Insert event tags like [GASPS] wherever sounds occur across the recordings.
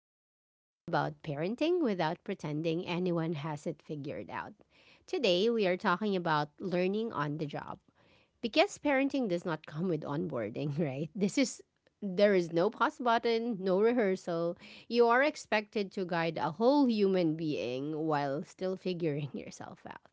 This is where we talk about parenting without pretending anyone has it figured out. Today, we are talking about learning on the job. Because parenting does not come with onboarding, [LAUGHS] right? This is there is no pause button, no rehearsal. You are expected to guide a whole human being while still figuring [LAUGHS] yourself out.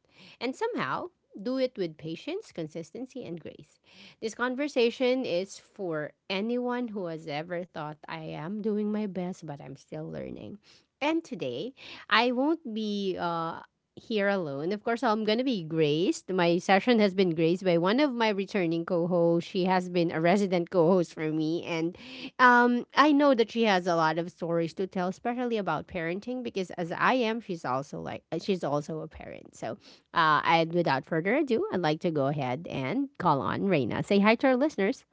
And somehow, do it with patience, consistency, and grace. This conversation is for anyone who has ever thought I am doing my best, but I'm still learning. And today, I won't be here alone. Of course, I'm gonna be graced. My session has been graced by one of my returning co-hosts. She has been a resident co-host for me, and I know that she has a lot of stories to tell, especially about parenting, because as I am, she's also she's also a parent. So, and without further ado, I'd like to go ahead and call on Reina. Say hi to our listeners.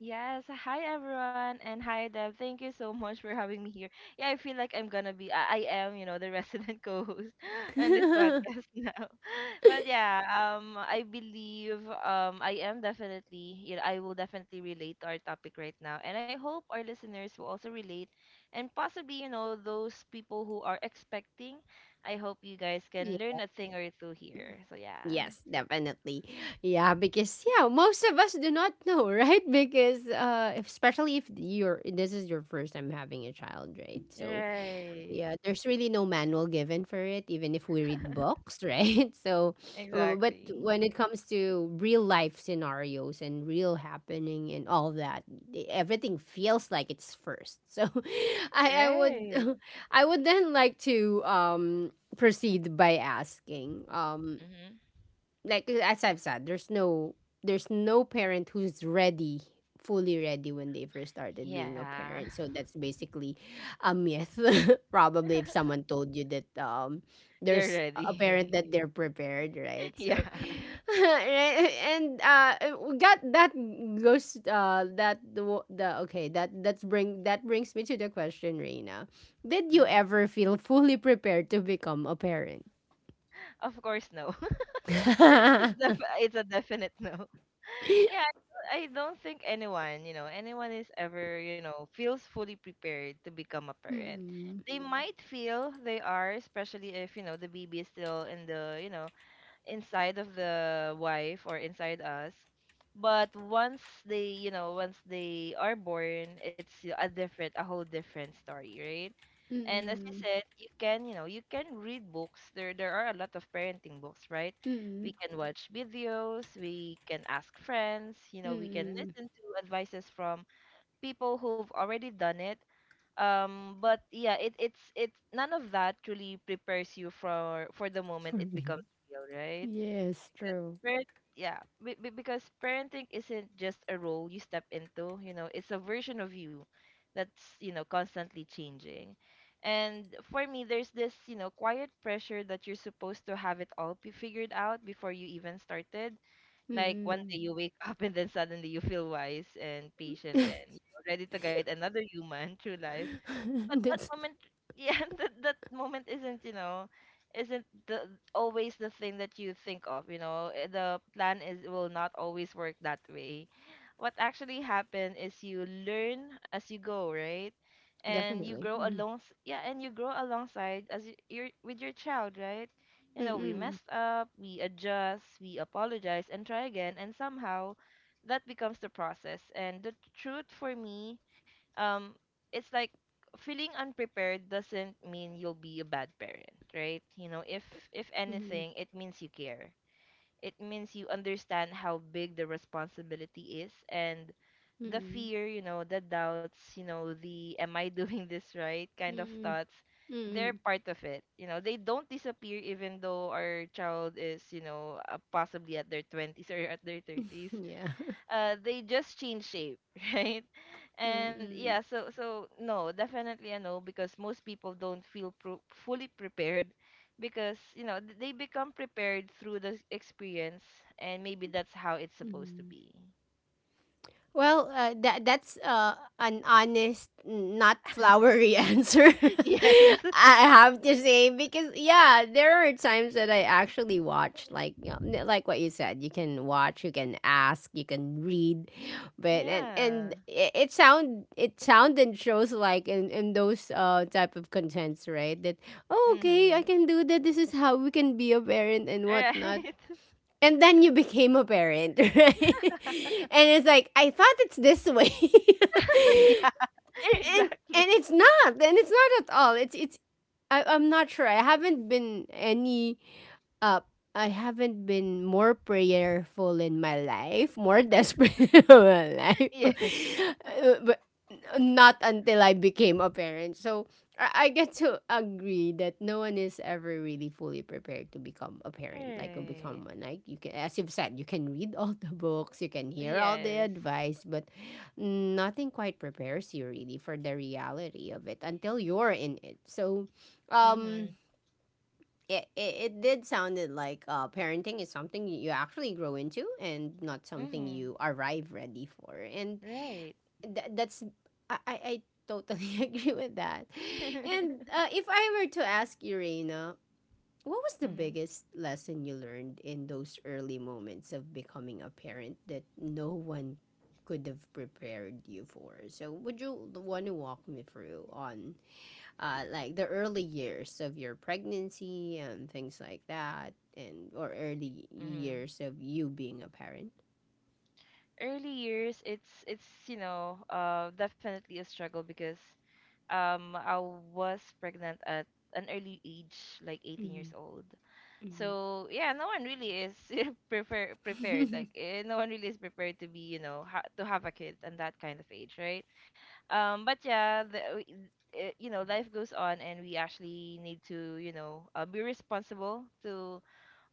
Yes, hi everyone, and hi Deb. Thank you so much for having me here. Yeah, I feel like I'm gonna be, I am, you know, the resident [LAUGHS] co-host on this [LAUGHS] podcast now. [LAUGHS] But yeah, I believe, I am definitely, you know, I will definitely relate to our topic right now, and I hope our listeners will also relate, and possibly, you know, those people who are expecting. I hope you guys can Yeah. learn a thing or two here. So yeah, Yes, definitely. Yeah, because yeah, most of us do not know, [LAUGHS] right? Because especially if you're this is your first time having a child, right? So, right, yeah, there's really no manual given for it even if we read books, [LAUGHS] right? So, but exactly, when it comes to real life scenarios and real happening and all that, everything feels like it's first. So, [LAUGHS] I would right. [LAUGHS] I would then like to proceed by asking Mhm. like as I've said, there's no parent who's ready, fully ready when they first started being a Yeah. parent. So that's basically a myth. [LAUGHS] Probably if someone told you that [LAUGHS] They're there's a parent ready. that [LAUGHS] they're prepared, right? Yeah. So [LAUGHS] right? and got that goes that the wo- the okay, that brings me to the question, Reina. Did you hmm ever feel fully prepared to become a parent? Of course, no. [LAUGHS] It's def [LAUGHS] it's a definite [LAUGHS] no. Yeah, I don't think anyone, you know, anyone is ever, you know, feels fully prepared to become a parent. Hmm. They Mm. might feel they are, especially if, you know, the baby is still in the, you know, inside of the wife or inside us. But once they, you know, once they are born, a different, a whole different story, right? And as I Mm, said, you can, you know, you can read books. There are a lot of parenting books, right? mm, We can watch videos. We can ask friends. You know, we can mm. listen to advices from people who've already done it. But yeah, it's none of that really prepares you for the moment For it becomes me. real, right? Yes, true. Parent, yeah, because parenting isn't just a role you step into, you know, it's a version of you that's, you know, constantly changing. And for me, there's this, you know, quiet pressure that you're supposed to have it all figured out before you even started. Like one Mm. day you wake [LAUGHS] up and then suddenly you feel wise and patient and, you [LAUGHS] know, ready to guide another human through life, but that That's moment [LAUGHS] yeah, that moment isn't, you know, isn't the always the thing that you think of, you know. The plan is will not always work that way. What actually happened is you learn as you go, right, and you definitely. grow Mm. along. Yeah, and you grow alongside as you're with your child, right. You know, we Mm. messed up, we adjust, we apologize and try again, and somehow that becomes the process and the truth for me. um it's like feeling unprepared doesn't mean you'll be a bad parent, right? You know, if Mm. anything, it means you care. It means you understand how big the responsibility is, and the Mm. fear, you know, the doubts, you know, the am I doing [LAUGHS] this right kind of Mm. thoughts, they're Mm. part of it. You know, they don't disappear even though our child is, you know, possibly at their 20s or [LAUGHS] at their [LAUGHS] 30s. Yeah. They just change shape, [LAUGHS] right. And yeah, Mm. So no, definitely a no, because most people don't feel fully prepared, because, you know, they become prepared through the experience, and maybe that's how it's supposed to Mm. be. Well, that's an honest, not flowery [LAUGHS] answer. [LAUGHS] I Yes. [LAUGHS] have to say because yeah, there are times that I actually watch like you know, like what you said. You can watch, you can ask, you can read, but Yeah, and it, it sound and shows like in those type of contents, right? That oh, okay, I mm-hmm, can do that. This is how we can be a parent and whatnot. right. And then you became a parent, [LAUGHS] right? [LAUGHS] And it's like, I thought it's this way. Yeah, [LAUGHS] and, and and exactly. it's not. And it's not at all. It's I, I'm not sure. I haven't been up, I haven't been more prayerful in my life, more desperate [LAUGHS] in my life. [LAUGHS] Yes, [LAUGHS] but not until I became a parent. So I get to agree that no one is ever really fully prepared to become a parent, like or right, become one. Like you can, as you've said, you can read [LAUGHS] all the books, you can hear all the yes, advice, but nothing quite prepares you really for the reality of it until you're in it. So, um mm-hmm, it did sounded like parenting is something you actually grow into and not something mm-hmm, you arrive ready for. And right. That's I totally [LAUGHS] agree with that. And [LAUGHS] if I were to ask you, Reina, what was the Mm-hmm, biggest lesson you learned in those early moments of becoming a parent that no one could have prepared you for? So would you want to walk me through on like the early years of your pregnancy and things like that, and or early mm-hmm. years of you being a parent. Early years, it's you know, uh, definitely a struggle because, um, I was pregnant at an early age, like 18 years Mm, old. mm, So yeah, no one really is [LAUGHS] [LAUGHS] prepared, mm, like eh, no one really is prepared to be, you know, to have a kid and that kind of age, right. But yeah, you know, life goes on, and we actually need to, you know, be responsible to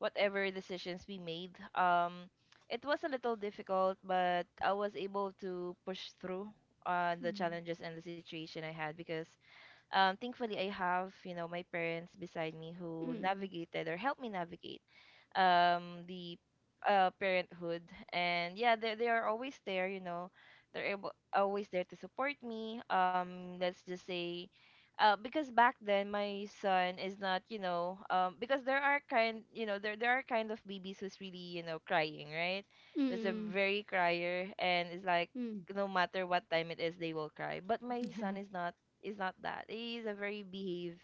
whatever decisions we made. It was a little difficult, but I was able to push through on the challenges and the situation I had because, thankfully, I have, you know, my parents beside me who mm, navigated or helped me navigate the parenthood. And yeah, they are always there, you know, they're able always there to support me. Let's just say, uh, because back then my son is not, you know, um, because there are kind, you know, there are kind of babies who's really, you know, crying right. There's a mm, very crier, and it's like mm, no matter what time it is, they will cry, but [LAUGHS] my yeah, son is not, is not that. He's a very behave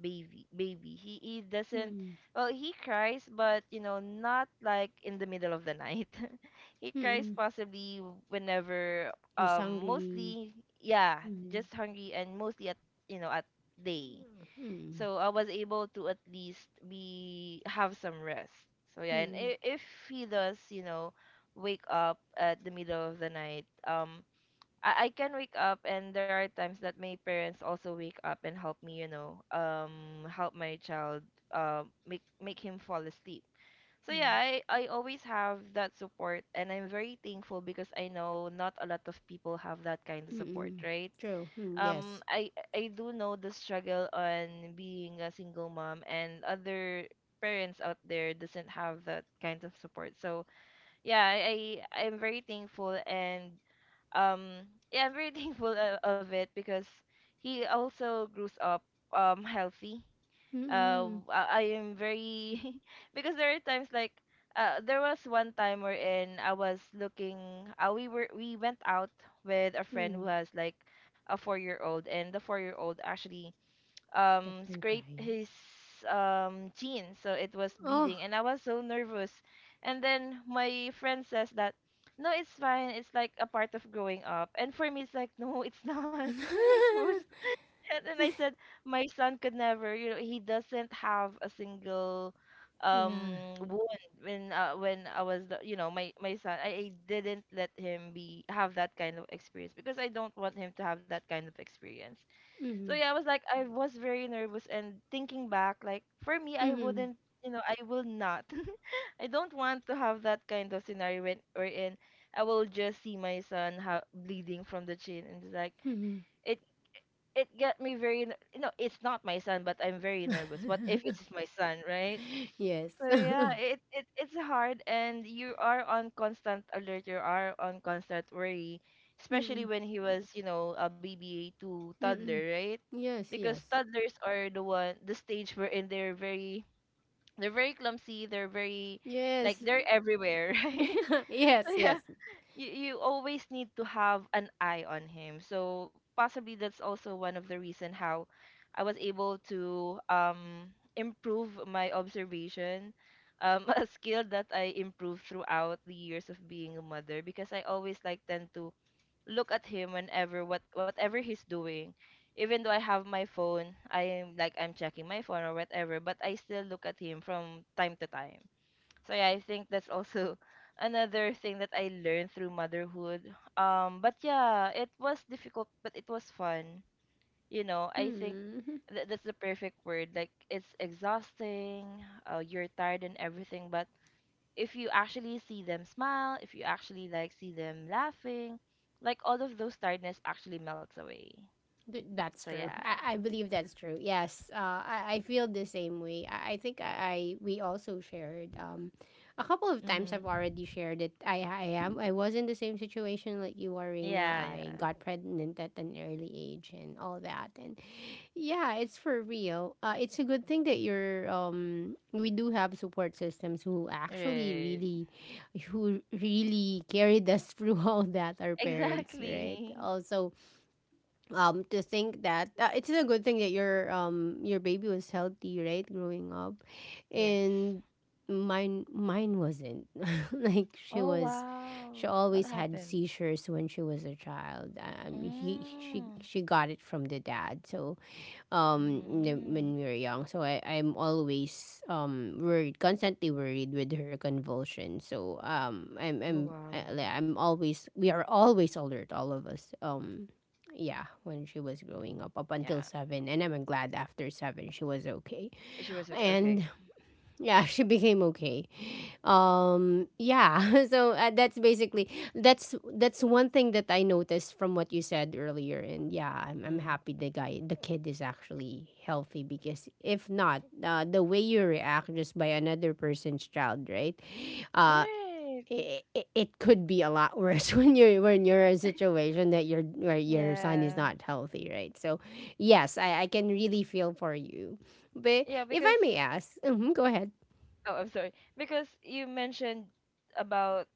baby. He doesn't, mm, well, he cries, but you know, not like in the middle of the night. [LAUGHS] He cries mm, possibly whenever, he's um, hungry. mostly, yeah, Mm, just hungry and mostly at, you know, at day. mm, So I was able to at least be have some rest. So yeah, and mm, if he does, you know, wake up at the middle of the night, um, I can wake up, and there are times that my parents also wake up and help me, you know, um, help my child, um, make him fall asleep. So mm, yeah, I always have that support, and I'm very thankful because I know not a lot of people have that kind of support, mm. right? True. Mm, Um, yes. I do know the struggle on being a single mom, and other parents out there doesn't have that kind of support. So yeah, I'm very thankful and, um, yeah, I'm very [LAUGHS] thankful of it because he also grows up, um, healthy. Mm, I am very [LAUGHS] because there are times, like, uh, there was one time wherein I was looking, we went out with a friend who mm. has like a 4 year old, and the 4 year old actually, um, Captain scraped crying. his, um, jeans, so it was Oh, bleeding, and I was so nervous. And then my friend says that no, it's fine, it's like a part of growing up, and for me it's like no, it's not, [LAUGHS] it's [LAUGHS] worse. And I said my son could never, you know, he doesn't have a single, yeah. um, wound when, when I was the, you know, my son, I didn't let him be have that kind of experience because I don't want him to have that kind of experience. So Mm, yeah, I was like, I was very nervous, and thinking back, like for me, I wouldn't, you know, I will not. [LAUGHS] I don't want to have that kind of scenario when or in I will just see my son bleeding from the chin, and it's like mm, mm. it it got me very, you know, it's not my son, but I'm very nervous. What if it's [LAUGHS] my son, right? [LAUGHS] Yes. So yeah, [LAUGHS] it it's hard, and you are on constant alert, you are on constant worry, especially Mm. when he was, you know, a BBA to toddler, Mm. right? Yes, Because yes. toddlers are the one the stage wherein they're very, they're very clumsy, they're very, like Yes. they're everywhere, [LAUGHS] right? [LAUGHS] Yes, So yeah, yes. you always need to have an eye on him. So possibly that's also one of the reason how I was able to, um, improve my observation. [LAUGHS] A skill that I improved throughout the years of being a mother because I always like tend to look at him whenever whatever he's doing. Even though I have my phone, I am like I'm checking my phone or whatever, but I still look at him from time to time. So yeah, I think that's also [LAUGHS] another thing that I learned through motherhood. But yeah, it was difficult, but it was fun. You know, I think Mm. That's the perfect word. Like it's exhausting. You're tired and everything, but if you actually see them smile, if you actually like see them laughing, like all of those tiredness actually melts away. So That's true. yeah. I believe that's true. Yes, I feel the same way. I think I we also shared a couple of times. I've Mhm. already shared it. I am I was in the same situation like you are, Reina. Yeah, I yeah. got pregnant at an early age and all that. And yeah, it's for real. It's a good thing that you're we do have support systems Right. Who really carried us [LAUGHS] through all that. Our [LAUGHS] parents, right? Exactly. Also to think that it's a good thing that your baby was healthy, right, growing up. Yes. And mine wasn't, [LAUGHS] like she Oh, was she wow. What always had happened? seizures when she was a child. He she Mm. she got it from the dad, so Hmm. when we were young, so I, I'm always worried, constantly worried with her convulsion. So Oh, I'm wow. I- like, I'm always we are always alert, all of us. Yeah, when she was growing up, up Yeah. until 7, and I'm glad after 7 she was okay. She was okay. And Okay. yeah, [LAUGHS] she became okay. Yeah, [LAUGHS] so that's basically that's one thing that I noticed from what you said earlier. And yeah, I'm Mm. happy the kid is actually healthy, because if not, the way you react just by another person's child, right, uh Right. It could be a lot worse [LAUGHS] when you're in a situation that your where your son is Yeah. not healthy, right? So yes, I can really feel for you. But Yeah, if I because may ask, [LAUGHS] mhm, go ahead. oh, I'm sorry. Because you mentioned about,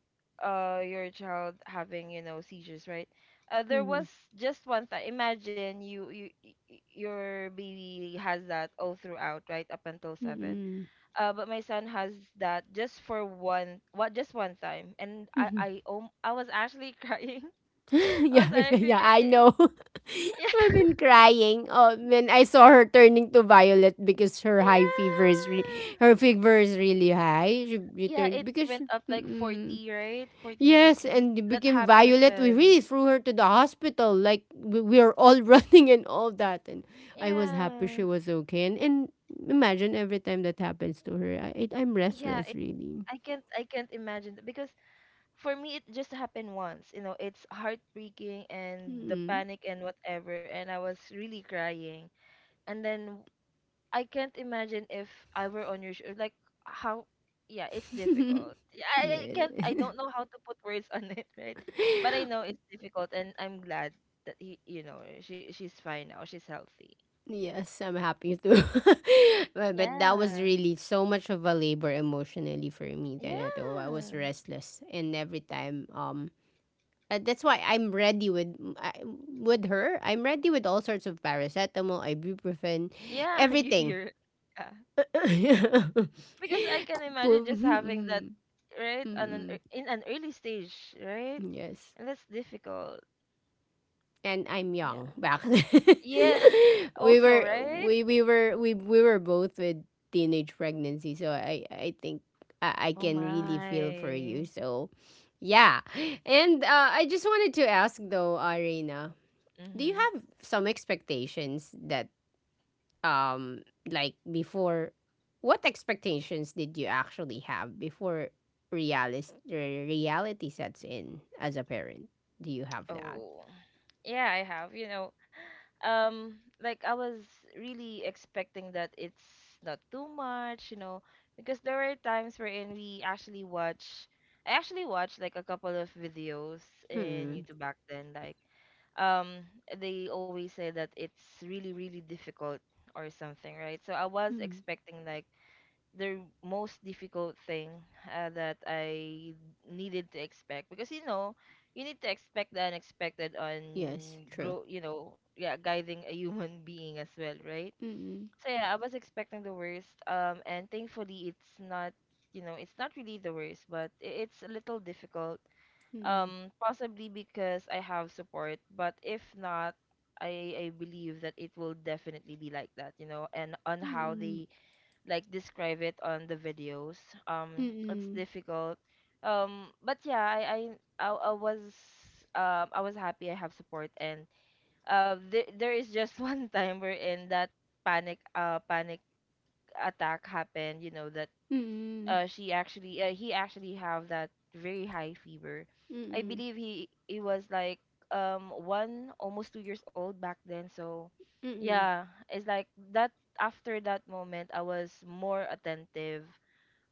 uh, your child having, you know, seizures, right? There Mhm. was just one time. Imagine your baby has that all throughout, right? Up until seven. Mm. But my son has that just for one, what just one time, and Mhm. [LAUGHS] I was actually [LAUGHS] crying. I was Yeah, yeah, actually yeah, cry- I it, know. [LAUGHS] I've yeah, been crying. Oh, when I saw her turning to violet because her high fever is re- yeah, her fever is really high. She yeah. turned It because went up like mm-mm. 40, right, forty Yes, degrees. and it That became happened as violet. We well. really threw her to the hospital. Like we are all [LAUGHS] running and all that. And I was happy Yeah, she was okay. And imagine every time that happens to her, I'm yeah. restless really. I can't imagine that because for me it just happened once. You know, it's heartbreaking and the Mm-mm. panic and whatever, and I was really crying. And then I can't imagine if I were on your shoe. Like how? Yeah, it's [LAUGHS] difficult. Yeah, I Yeah. can't. I don't know how to put words [LAUGHS] on it, right? But I know [LAUGHS] it's difficult, and I'm glad that you know, she she's fine now. She's healthy. Yes, I'm happy too. [LAUGHS] But that was Yeah. really so much of a labor emotionally for me then at all. I was Yeah. restless, and every time that's why I'm ready with with her. I'm ready with all sorts of paracetamol, ibuprofen, Yeah. [LAUGHS] Everything. You're. Yeah. Because I can imagine just having that, right, on an in an early stage, [LAUGHS] right, Yes. and that's difficult. And I'm Yeah. young back, [LAUGHS] then. Yes. we Also, were right. we we were we we were both with teenage pregnancy, so I think I Oh can really feel for you. my. So, yeah, and I just wanted to ask though, Arena, do you Mm-hmm. have some expectations that um like before? What expectations did you actually have before reality sets in as a parent? Do you have that? Oh, yeah, I have. Um, like I was really expecting that it's not too much, because there were times wherein I actually watched like a couple of videos in Mm-mm. YouTube back then. Um, they always say that it's really, really difficult or something, right? So I was expecting like the most difficult thing that I needed to expect because you know you need to expect the unexpected Yes, on true. grow you know yeah guiding a human [LAUGHS] being as well, right? Mm-mm, So yeah, I was expecting the worst, and thankfully it's not, you know, it's not really the worst, but it's a little difficult, mm-mm, um, possibly because I have support. But if not, I believe that it will definitely be like that, you know, and on how mm-mm, they like describe it on the videos. It's mm-mm, difficult. But yeah, I was I was happy I have support. And there there is just [LAUGHS] one time wherein that panic attack happened. You know that mm-mm, she actually he actually have that very high fever. I mm-mm, believe he was like, um, one almost 2 years old back then. So mm-mm, yeah, it's like that. After that moment I was more attentive,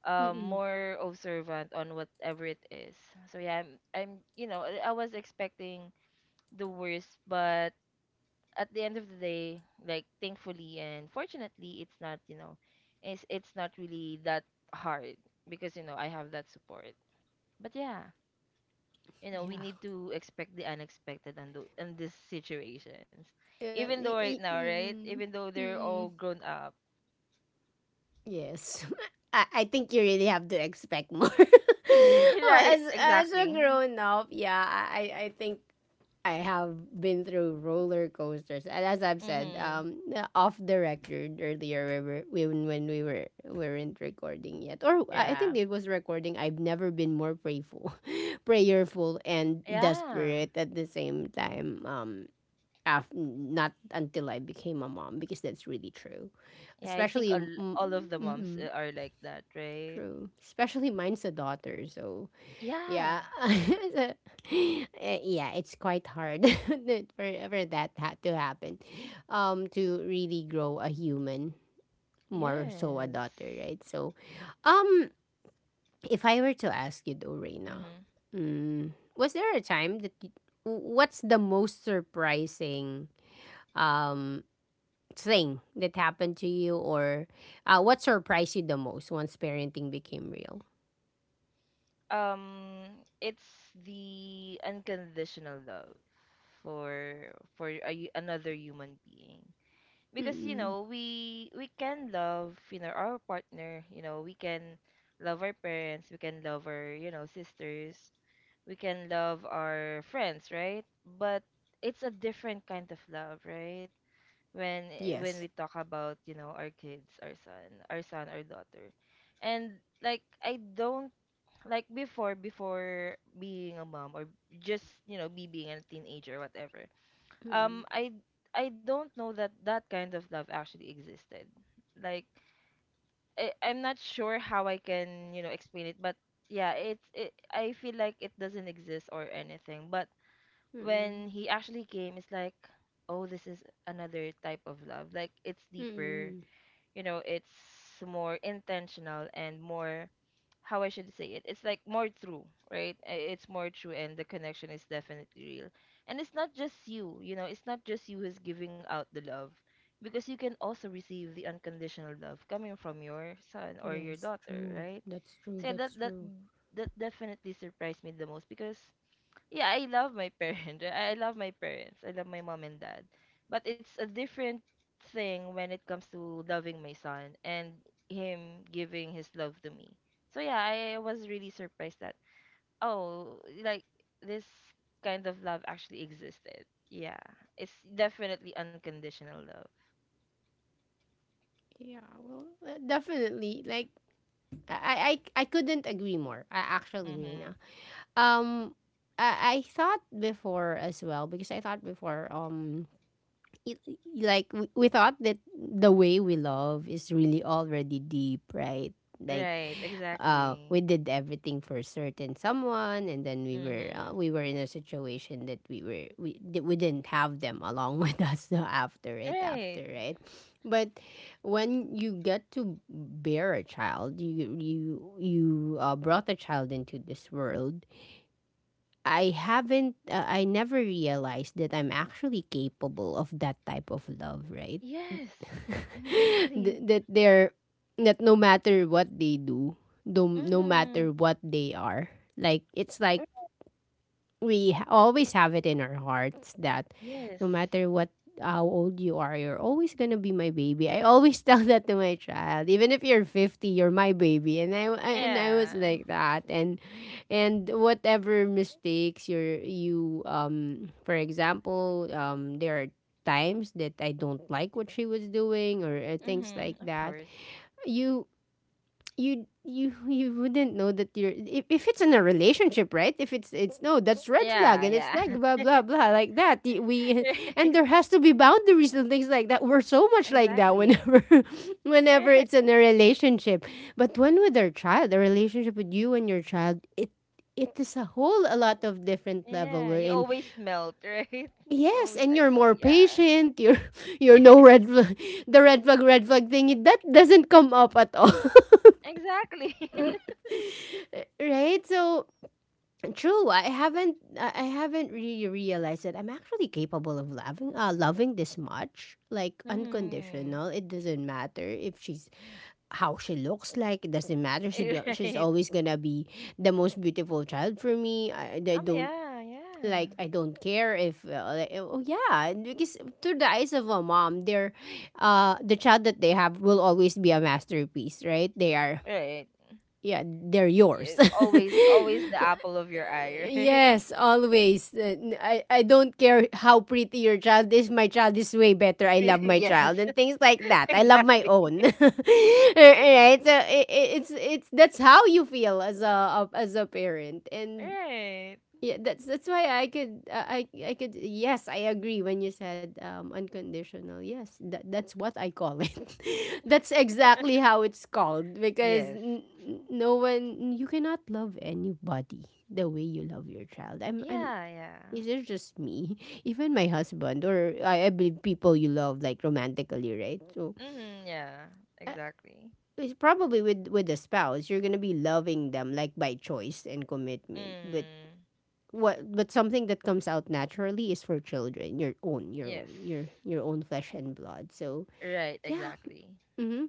um, mm-mm. more observant on whatever it is. so yeah i'm, I'm, you know, I was expecting the worst, but at the end of the day, like thankfully and fortunately, it's not, you know, it's not really that hard, because you know I have that support. But yeah, you know we Yeah. need to expect the unexpected, and in these situations, Yeah. even though right now, right, Mm-mm, even though they're mm-mm. all grown up. Yes. [LAUGHS] I think you really have to expect more. [LAUGHS] [LAUGHS] Oh, Right? as a Exactly. grown up, yeah, I think I have been through roller coasters. And as I've said, Mm-hmm. Off the record earlier, when we weren't recording yet. Or I Yeah. think it was recording. I've never been more prayerful [LAUGHS] prayerful and Yeah. desperate at the same time. Not until I became a mom, because that's really true. Yeah. I think Especially mm, all mm, all of the moms, mm, are like that, right? true. Especially mine's a daughter, so Yeah. yeah. [LAUGHS] Yeah. So, yeah, it's quite hard [LAUGHS] for that to happen. To really grow a human, more so a Yes. daughter, right? So um if I were to ask you though, Reina, Mm-hmm. mm, was there a time that you, what's the most surprising um thing that happened to you, or what surprised you the most once parenting became real? um it's the unconditional love for another human being, because you Mm-mm. know we can love, you know, our partner, you know, we can love our parents, we can love our, you know, sisters, we can love our friends, right? But it's a different kind of love, right? When when we Yes. talk about, you know, our kids, our son, our daughter. And like I don't like before, before being a mom, or just, you know, me being a teenager or whatever, Mm-mm. um i I don't know that that kind of love actually existed. Like, I'm not sure how I can, you know, explain it, but yeah, it's it I feel like it doesn't exist or anything. But Mm-mm. when he actually came, it's like, oh, this is another type of love, like it's deeper. Mm-mm. You know, it's more intentional and more, how I should say it, it's like more true, right? It's more true, and the connection is definitely real. And it's not just you, you know, it's not just you who's giving out the love, because you can also receive the unconditional love coming from your son or your Yes, daughter, true. right? That's true. So yeah, That's true. that definitely surprised me the most. Because yeah, I love my parents. [LAUGHS] I love my parents. I love my mom and dad. But it's a different thing when it comes to loving my son, and him giving his love to me. So yeah, I was really surprised that, oh, like this kind of love actually existed. Yeah. It's definitely unconditional love. Yeah, well, definitely. Like, I couldn't agree more. I actually, Reina. Mhm. Um, I thought before as well because I thought before. It, like we thought that the way we love is really already deep, right? Like Right, we exactly. did everything for a certain someone, and then Mhm. we were in a situation that we were we that we didn't have them along [LAUGHS] with us after right, Right. after right, but when you get to bear a child, you brought a child into this world. I never realized that I'm actually capable of that type of love, right? Yes. [LAUGHS] Exactly. That they're, that no matter what they do, no Mhm. matter what they are, like, it's like we always have it in our hearts that Yes. no matter what, how old you are, you're always gonna be my baby. I always [LAUGHS] tell that to my child. Even if you're 50, you're my baby. And I was Yeah. like that. And whatever mistakes you're you for example, there are times that I don't like what she was doing or things like Mm-hmm. Of that. course. You you wouldn't know that you're if it's in a relationship, right? If it's no, that's red flag Yeah, and it's yeah. like blah [LAUGHS] blah blah like that. We [LAUGHS] and Right. there has to be boundaries and things like that. We're so much like that Exactly. whenever [LAUGHS] whenever Right. it's in a relationship. But when with our child, a relationship with you and your child, it is a whole a lot of different level Yeah. we're You in. always melt, right? [LAUGHS] You Yes, always and like, you're oh more yeah. patient, you're [LAUGHS] [LAUGHS] you're no Yes. red flag. [LAUGHS] The red flag thing, that doesn't come up at all. Exactly. [LAUGHS] [LAUGHS] Right, so true. I haven't. I haven't really realized that I'm actually capable of loving. Loving this much, like Mm-hmm. unconditional. It doesn't matter if she's how she looks like. It doesn't matter. She [LAUGHS] do- she's Right. always gonna be the most beautiful child for me. I Oh don't yeah, yeah. like. I don't care if. Like, oh yeah, and because through the eyes of a mom, they're, the child that they have will always be a masterpiece. Right? They are. Right. Yeah, they're Yeah, yours. always, always the [LAUGHS] apple of your eye, right? Yes, always. I don't care how pretty your child is. My child is way better. [LAUGHS] I Really, love my yes. child and things like [LAUGHS] that. I love my Exactly. own. [LAUGHS] Right? So I- it's that's how you feel as a as a parent. And Right. yeah, that's why I could yes, I agree when you said unconditional. Yes, that's what I call it. [LAUGHS] That's exactly how it's called because Yes. no one, you cannot love anybody the way you love your child. I'm Yeah, yeah. is it just me? [LAUGHS] Even my husband, or I believe people you love, like, romantically, right? So Mm-hmm, yeah, uh, exactly. it's probably with a spouse, you're gonna be loving them like by choice and commitment, but Mm. what, but something that comes out naturally is for children, your own, your Yes. own, your own flesh and blood. So Right, yeah. exactly. hmm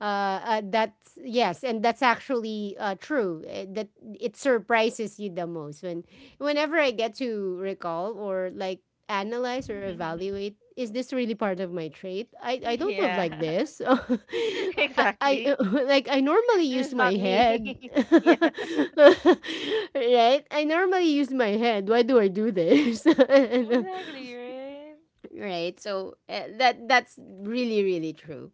uh, that's, yes, and that's actually true. That, it surprises you the most when, whenever I get to recall or like analyze or [LAUGHS] evaluate, is this really part of my trait? I don't live Yeah, like this. [LAUGHS] [LAUGHS] I exactly. [LAUGHS] like, I normally This use is my not head. me. [LAUGHS] [LAUGHS] Yeah, Right? I normally use my head. Why do I do this? [LAUGHS] And, exactly, right? right, so that's really really true.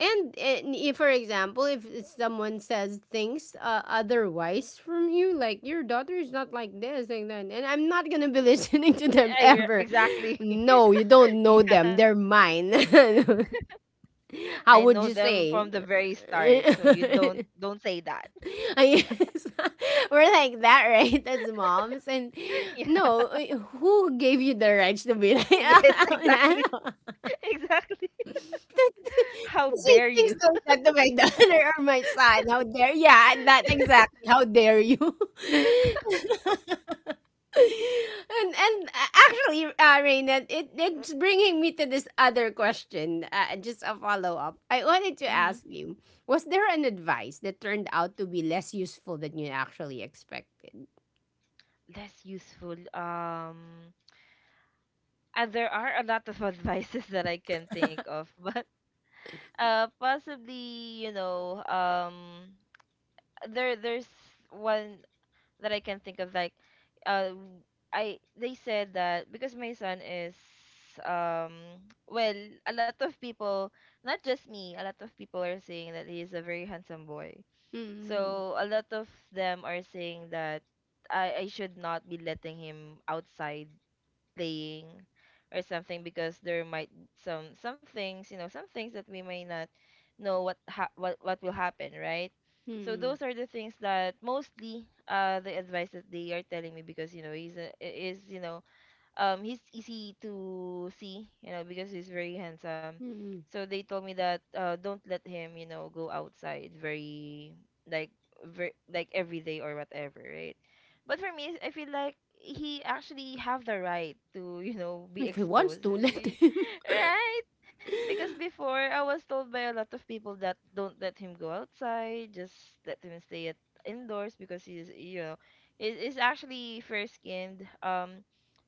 And if, for example, if someone says things otherwise from you, like your daughter is not like this, like that, and I'm not gonna be [LAUGHS] listening to them Yeah, you're- ever. exactly. No, you don't [LAUGHS] know Yeah, them, they're mine. [LAUGHS] How I would know you them say? from the very start. So you don't [LAUGHS] don't say that. I guess [LAUGHS] we're like that, right? As moms. And [LAUGHS] Yeah, no, who gave you the rights to be like [LAUGHS] yes, exactly, [LAUGHS] [LAUGHS] exactly. [LAUGHS] How [LAUGHS] she dare thinks you? those [LAUGHS] that to my [LAUGHS] daughter or my son? How dare, yeah, that exactly. How dare you? [LAUGHS] And actually, Raina, it's bringing me to this other question. Just a follow up. I wanted to Hmm. ask you: was there an advice that turned out to be less useful than you actually expected? Less useful. There are a lot of [LAUGHS] advices that I can think of. But possibly, you know, there there's one that I can think of, like, uh, w- I, they said that because my son is [TSK] well, a lot of people, not just me, a lot of people are saying that he is a very handsome boy. Hmm. So a lot of them are saying that I should not be letting him outside playing or something, because there might, some things, you know, some things that we may not know what what will happen, right? So Hmm. those are the things that mostly, the advice that they are telling me, because you know he's a, is you know, um, he's easy to see, you know, because he's very handsome. Hmm. Hmm. So they told me that, don't let him, you know, go outside very, like, like every day or whatever, right? But for me, I feel like he actually have the right to [LAUGHS] you know be If he wants exposed. [LAUGHS] to, let him. Right? Because [LAUGHS] before I was told by a lot of people that don't let him go outside, just let him stay at indoors, because he's, you know, is actually fair skinned.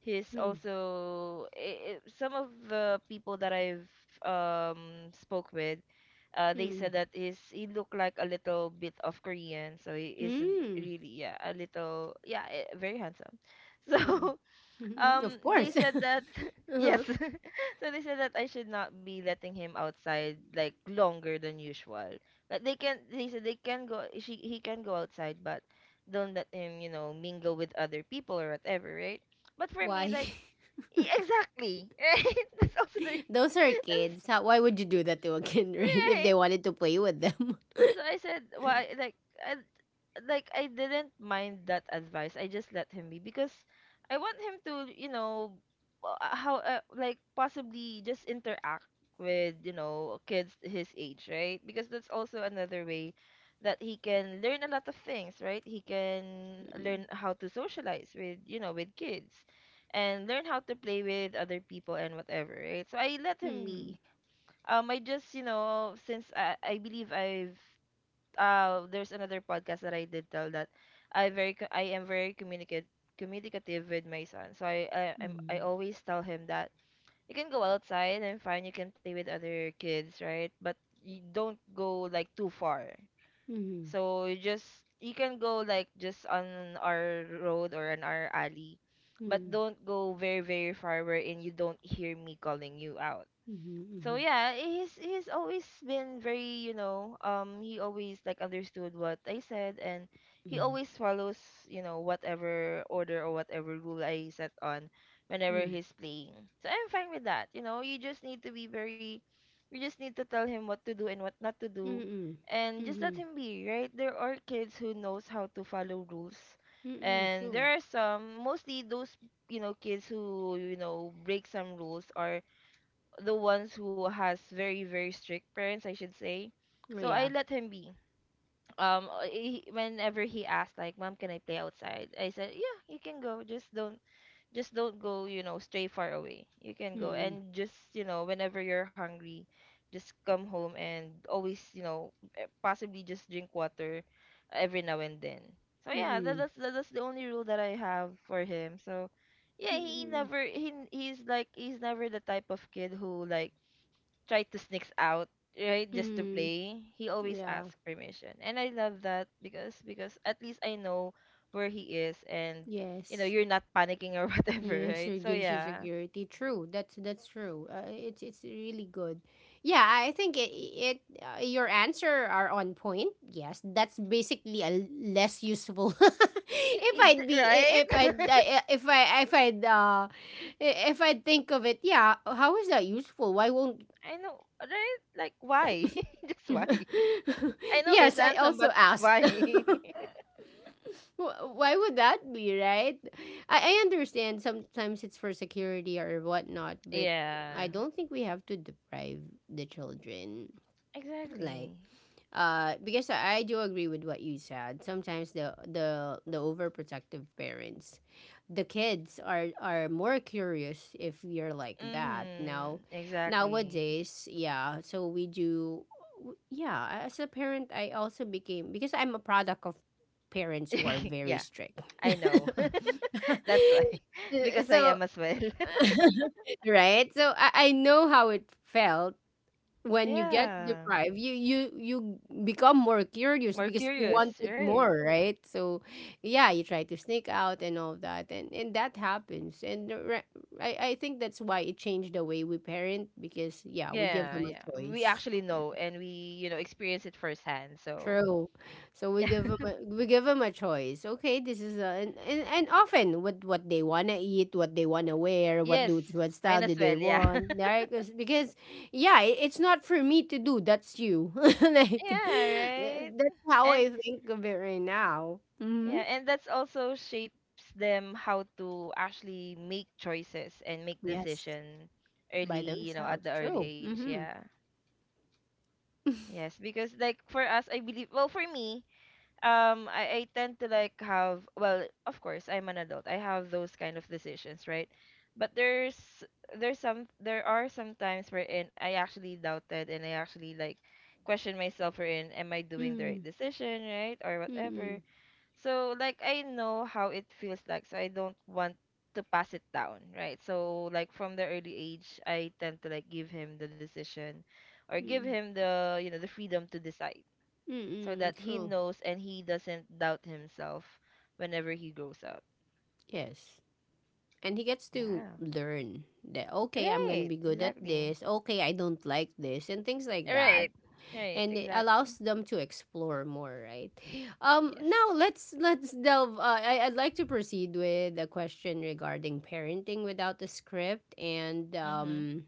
He's Hmm. also, I some of the people that I've, spoke with, they Hmm. said that, is, he looked like a little bit of Korean, so he is Hmm. really, yeah, a little, yeah, very handsome. [LAUGHS] So Mm. [LAUGHS] Of they course. [LAUGHS] said that, [LAUGHS] yes, Uh-huh. [LAUGHS] so they said that I should not be letting him outside like longer than usual. Like they can, they said they can go, she he can go outside, but don't let him, you know, mingle with other people or whatever, right? But for me, Why? like, [LAUGHS] exactly. [LAUGHS] Right? That's also the, Those are [LAUGHS] that's kids. How, why would you do that to a kid, [LAUGHS] right? If right. they wanted to play with them. So I said, why? Like, I, like I didn't mind that advice. I just let him be, because I want him to, you know, how like possibly just interact with, you know, kids his age, right? Because that's also another way that he can learn a lot of things, right? He can learn [LAUGHS] how to socialize with, you know, with kids, and learn how to play with other people and whatever, right? So I let him Mm. be. I just, you know, since I believe I've, there's another podcast that I did tell that I am very communicative communicative with my son. So I Mm. always tell him that you can go outside, and fine, you can play with other kids, right? But you don't go like too far. Mm. Mhm. So you just, you can go like just on our road or on our alley, but Mm. don't go very, very far, wherein you don't hear me calling you out. Mhm. So Mhm. yeah, he's always been very, you know, um, he always like understood what I said, and he Mm. always follows, you know, whatever order or whatever rule I set on whenever he's playing. So I'm fine with that. You know, you just need to tell him what to do and what not to Mm. do, Mm-mm. and just let Mhm. him be, right? There are kids who knows how to follow rules, Mm. and True. there are some, mostly those, you know, kids who, you know, break some rules, or the ones who has very, very strict parents, I should say. Oh, So I yeah. let him be. He, whenever he asked like, mom, can I play outside, I said, yeah, you can go, just don't, just don't go you know, stray far away, you can go, Mm. and just, you know, whenever you're hungry, just come home, and always, you know, possibly just drink water every now and then. So Mm. yeah, Mm-mm. That, that's the only rule that I have for him. So yeah, Mm-mm. He's like, he's never the type of kid who like try to sneaks out, right? Just to Mm. play. He always Yeah. asks permission. And I love that, because at least I know where he is, and you know, Yes. you're not panicking or [LAUGHS] whatever, Yes, right? or So gives you yeah. security. True. That's true. It's really good. Yeah, I think it, it your answer are on point. Yes, that's basically a less useful. [LAUGHS] if I'd be I- if I Right? [LAUGHS] If I if I'd uh if I think of it, yeah, how is that useful? Why won't I know, right? Like why? [LAUGHS] Just why? [LAUGHS] I know he's yes, I handsome, also but asked. why? [LAUGHS] [LAUGHS] Why would that be, right? I understand sometimes it's for security or whatnot, but I Yeah. don't think we have to deprive the children. Like, Exactly. Because I do agree with what you said. Sometimes the the overprotective parents, the kids are more curious if you're like that now. Mhm. Exactly. Nowadays, yeah. So we do, yeah. As a parent, I also became, because I'm a product of parents who are [LAUGHS] very Yeah, strict. I know. [LAUGHS] [LAUGHS] That's [LAUGHS] why [LAUGHS] because I So am as well. [LAUGHS] right, so I know how it felt. When you get Yeah. deprived, you become more curious More because you want curious, it right? more, right? So yeah, you try to sneak out and all that, and that happens. And the re- i i think that's why it changed the way we parent, because yeah, we give Yeah, them a yeah. We choice. actually know and we, you know, experience it firsthand. So, True. So we yeah. give them a, [LAUGHS] we give them a choice. Okay, this is a, and often what they wanna eat, what they wanna wear, what Yes, do what style might do as they well, yeah. [LAUGHS] want, right? Because yeah, it's not for me to do. That's you. [LAUGHS] Like Yeah, th- right. that's how I And think of it right now. Mm-hmm. yeah, and that's also shapes them how to actually make choices and make Yes, decision by early, you know, at themselves. the early True. age. Mm-hmm. Yeah. [LAUGHS] Yes, because like for us, I believe, well, for me, I tend to like have, well, of course I'm an adult, I have those kind of decisions, right? But there are some times wherein I actually doubted and I actually like question myself wherein am I doing the Mm-hmm. right decision, right, or Mm-mm. whatever. So like I know how it feels like, so I don't want to pass it down, right? So like from the early age I tend to like give him the decision or give Mm-mm. him the, you know, the freedom to decide so Mm-mm. that he True. knows and he doesn't doubt himself whenever he grows up. Yes. And he gets to Yeah. learn that, okay, I'm going to Right. be good at Exactly. this. Okay, I don't like this. And things like Right. that. Right. And it Exactly. allows them to explore more, right? [GASPS] Yes. Now let's delve. I'd like to proceed with a question regarding parenting without a script and, Mm-hmm.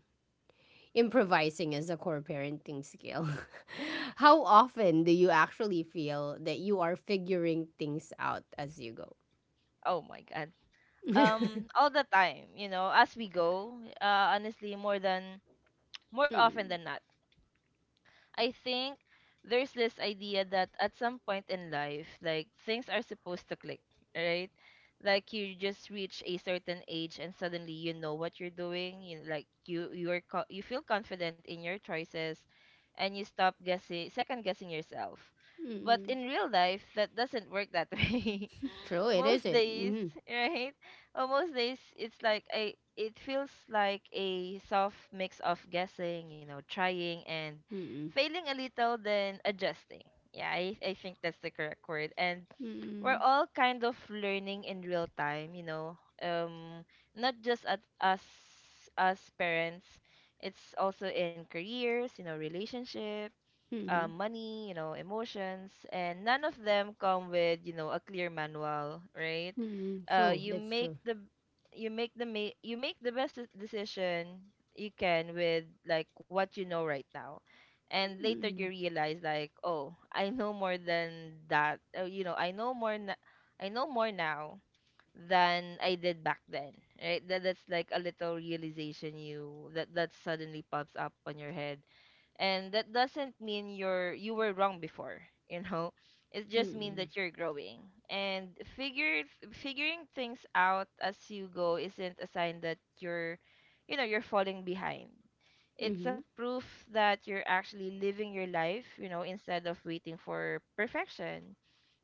improvising as a core parenting skill. [LAUGHS] How often do you actually feel that you are figuring things out as you go? Oh my God. [LAUGHS] All the time, you know, as we go, honestly, more often than Mm, not. I think there's this idea that at some point in life, like things are supposed to click, right? Like you just reach a certain age and suddenly you know what you're doing. You like you are you feel confident in your choices, and you stop guessing second guessing yourself. But mm. in real life, that doesn't work that [LAUGHS] way True, it most isn't. days, Mm-hmm. right? Well, most days it's like a it feels like a soft mix of guessing, you know, trying and Mm, failing a little then adjusting. Yeah, I think that's the correct word. And we're mm, all kind of learning in real time, you know. Not just at us as parents, it's also in careers, you know, relationships, mhm, money, you know, emotions, and none of them come with, you know, a clear manual, right? mm, true, You that's make true. the you make the best decision you can with like what you know right now. And later you Mm, realize like, oh, I know more than that. You know, I know more now than I did back then, right? That's like a little realization you that that suddenly pops up on your head, and that doesn't mean you were wrong before, [LAUGHS] you know. It just means mm, that you're growing and figure figuring things out as you go isn't a sign that you're, you know, you're falling behind. It's a mhm, proof that you're actually living your life, you know, instead of waiting for perfection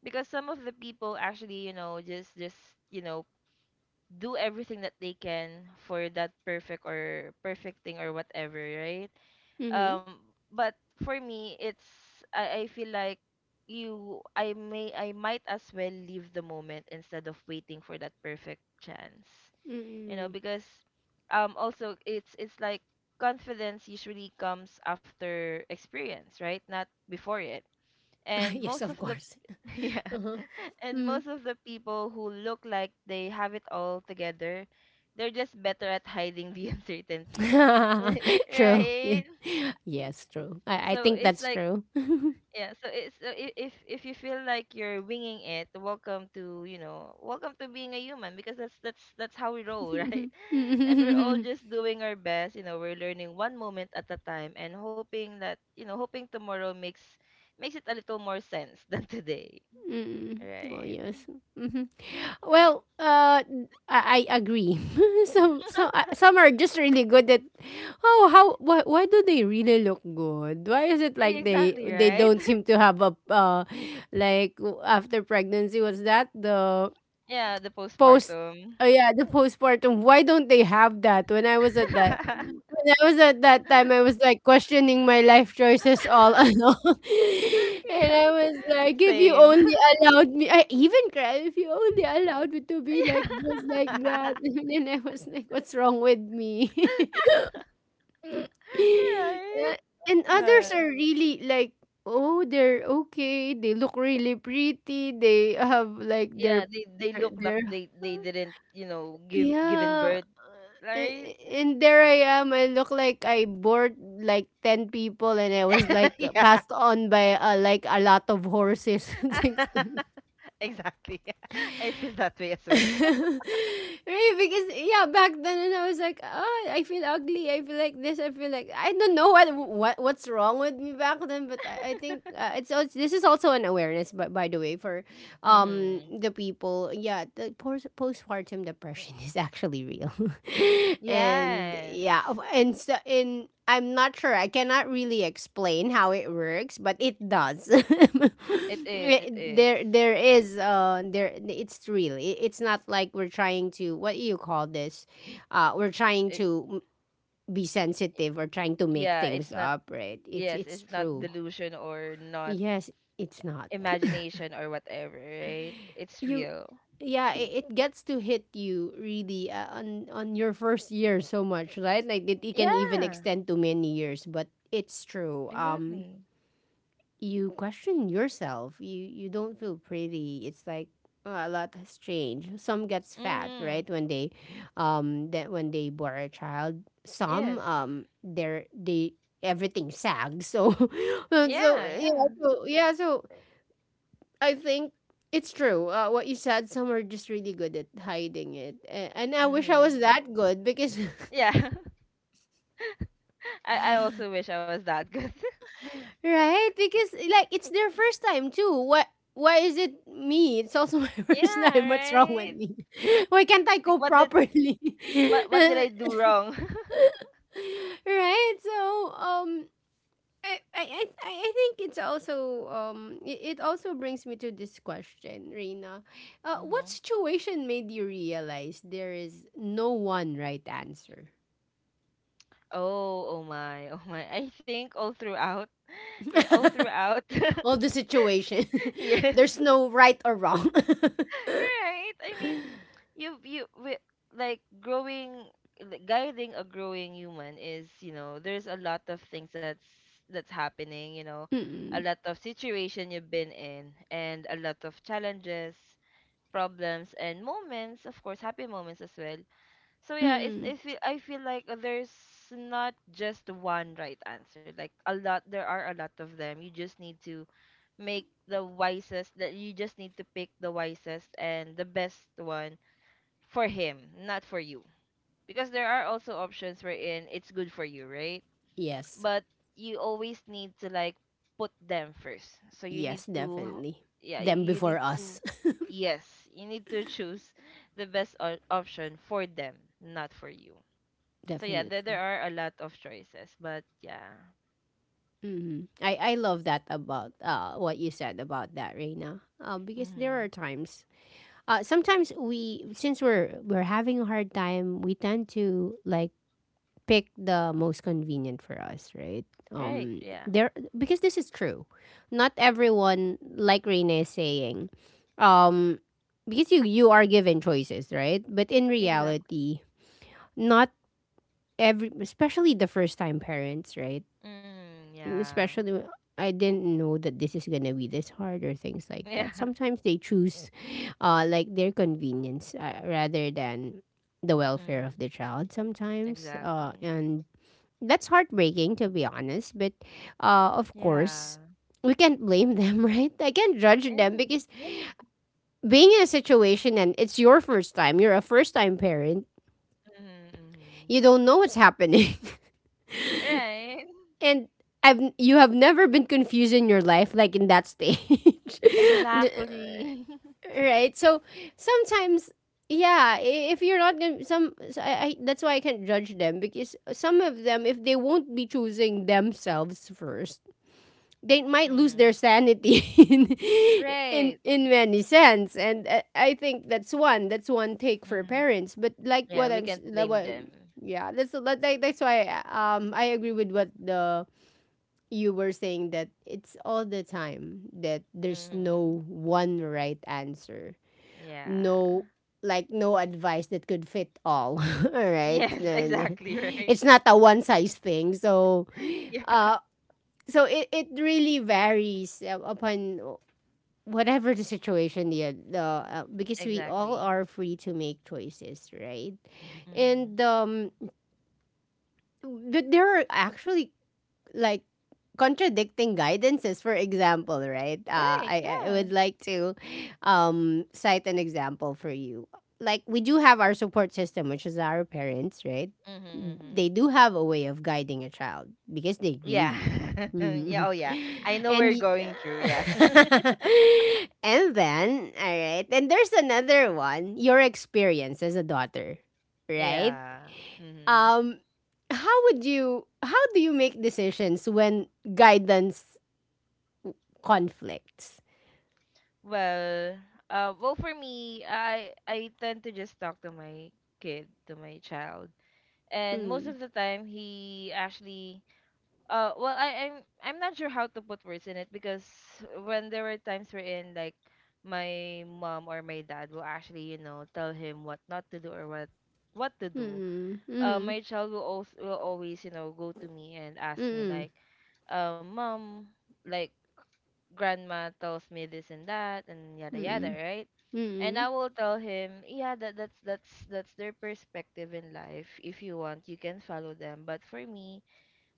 because some of the people actually, you know, just, you know, do everything that they can for that perfect or perfect thing or whatever, right? mhm, Um, but for me, it's, I feel like you I may I might as well leave the moment instead of waiting for that perfect chance, you know, mm. because also it's like confidence usually comes after experience, right? Not before it. And [LAUGHS] Yes, most of of the course. [LAUGHS] yeah. [LAUGHS] Uh-huh. And Mm. most of the people who look like they have it all together, they're just better at hiding the [LAUGHS] uncertainty. [LAUGHS] [LAUGHS] True. Yeah. Right? Yes, true. I So think it's that's like true. [LAUGHS] yeah, so it's if you feel like you're winging it, welcome to, you know, welcome to being a human because that's how we roll, [LAUGHS] right? And we're all just doing our best, you know, we're learning one moment at a time and hoping that, you know, hoping tomorrow makes it a little more sense [LAUGHS] than today. Mm. Well, Right. yes. Mm-hmm. Well, I agree. [LAUGHS] Some, some are just really good at oh, why do they really look good? Why is it like they Exactly, they right? don't [LAUGHS] seem to have a, uh, like after pregnancy, was that the Yeah, the post? postpartum. Oh yeah, the postpartum. Why don't they have that? [LAUGHS] When I was at that time, I was like questioning my life choices all [LAUGHS] along, and Yeah, I was like, if you same. only [LAUGHS] allowed me, I even cried, if you only allowed me to be Yeah. like this, like that. [LAUGHS] [LAUGHS] And then I was like, what's wrong with me? [LAUGHS] Right? Yeah, Oh and my God. others are really like, oh, they're okay. They look really pretty. They have like Yeah, they their, look like their, they didn't, you know, give given yeah. birth, a- right? a- and there I am. I look like I bored like ten people, and I was [LAUGHS] like Yeah. passed on by like a lot of horses [LAUGHS] and things. [LAUGHS] Exactly. [LAUGHS] I feel that way as [LAUGHS] well. [LAUGHS] Right? Because yeah, back then, and I was like, oh, I feel ugly. I feel like this. I feel like I don't know what's wrong with me back then. But I think it's also, this is also an awareness. But by the way, for Mm-hmm. the people, yeah, the postpartum depression [LAUGHS] is actually real [LAUGHS] and Yes. yeah, of- and so in I'm not sure, I cannot really explain how it works, but it does. [LAUGHS] It It- is. there is there It's real. It's not like we're trying to, what do you call this, we're trying It, to be i- sensitive, or trying to make yeah, things it's not up, right? it's yes, it's it's not true. delusion or not Yes, it's not. imagination or whatever, right? It's You real. Yeah, it gets to hit you really on your first year so much, right? Like it can even Yeah, extend to many years, but it's true. Exactly. You question yourself, you don't feel pretty. It's like, a lot has changed. Some gets fat, Mhm. right, when they that when they bore a child. Some, Yes. They're they everything sags, so [LAUGHS] so Yeah, yeah, yeah. so yeah, so I think it's true. What you said, some are just really good at hiding it, and I wish I Mhm. was that good, because [LAUGHS] Yeah. [LAUGHS] I also wish I was that good. [LAUGHS] right? Because like, it's their first time too. What? Why is it me? It's also [LAUGHS] my Yeah, first time. What's wrong with right? me? [LAUGHS] Why can't I Like go what did properly? [LAUGHS] What did I do wrong? [LAUGHS] Right? So I think it's also, it also brings me to this question, Reina. What Mhm. situation made you realize there is no one right answer? Oh, oh my. Oh my. I think all throughout. [LAUGHS] Yeah, all [LAUGHS] throughout. [LAUGHS] All the situation. [LAUGHS] Yes. There's no right or wrong. Right? I mean, [LAUGHS] you like growing like, guiding a growing human is, you know, there's a lot of things that's happening, you know, a Mm-mm. lot of situation you've been in and a lot of challenges, problems and moments, of course, happy moments as well. So yeah, it's, Mm-mm. I feel like there's not just one right answer. Like a lot, there are a lot of them. You just need to make the wisest. That you just need to pick the wisest and the best one for him, not for you. Because there are also options wherein it's good for you, right? Yes. But you always need to like put them first. So you need Yes, to, definitely. yeah, Them you before need to, us. yes, you need to [LAUGHS] choose the best option for them, not for you. [LAUGHS] So yeah, there Definitely. are a lot of choices, but yeah. I love that about what you said about that, Reina. Because there Mm-hmm. are times. Sometimes we, since we're having a hard time, we tend to like pick the most convenient for us, right? Right, yeah. There because this is true. Not everyone, like Reina is saying, um, because you are given choices, right? But in Exactly. reality, not every, especially the first time parents, right? Mm, yeah. especially [LAUGHS] w- I didn't know that this is gonna be this hard or things like that. Yeah. Sometimes they choose, like their convenience, rather than the welfare Mm-hmm. of the child. Sometimes, Exactly. and that's heartbreaking, to be honest. But, of Yeah. course, we can't blame them, [LAUGHS] right? I can't judge them Mm-hmm. because Yeah. being in a situation and it's your first time, you're a first time parent, Mm-hmm. Mm-hmm. you don't know what's happening. Right. And I've you have never been confused in your life like in that stage. [LAUGHS] [LAUGHS] D- uh, Exactly. right? So sometimes, yeah, if you're not gonna some so I, that's why I can't judge them, because some of them, if they won't be choosing themselves first, they [LAUGHS] might lose Mm-hmm. their sanity [LAUGHS] in in, Right. in many sense, and I think that's one take for Mm-hmm. parents, but Yeah, we can't like blame what. them. Yeah, that's like, that's why I agree with what the you were saying, that it's all the time that there's Mm-hmm. no one right answer. Yeah. No, like no advice that could fit all, [LAUGHS] all right Yes, [LAUGHS] then. [LAUGHS] exactly, right. It's not a one size thing, so [LAUGHS] Yeah. uh so it really varies, upon whatever the situation, the because we all Exactly. are free to make choices, right? Mm-hmm. And but there are actually like contradicting guidances, for example, right? Right, I yeah. would like to, cite an example for you. Like, we do have our support system, which is our parents, right? Mm-hmm, mm-hmm. They do have a way of guiding a child because they grew Yeah. you. [LAUGHS] Yeah. Oh, Mhm. yeah. I [LAUGHS] know we're and y- going through. Yeah. [LAUGHS] [LAUGHS] and then, all right, and there's another one, your experience as a daughter, right? Yeah. Mm-hmm. Um, how would you how do you make decisions when guidance conflicts? Well, well, for me, I tend to just talk to my kid, to my child, and most Mm. of the time he actually, well, I'm not sure how to put words in it because when there were times wherein like my mom or my dad will actually, you know, tell him what not to do or what to do, Mm. Mm. my child will also will always, you know, go to me and ask me Mm. like mom, like grandma tells me this and that and yada yada, Mm. right? And Mm. I will tell him, yeah, that's their perspective in life. If you want, you can follow them. But for me,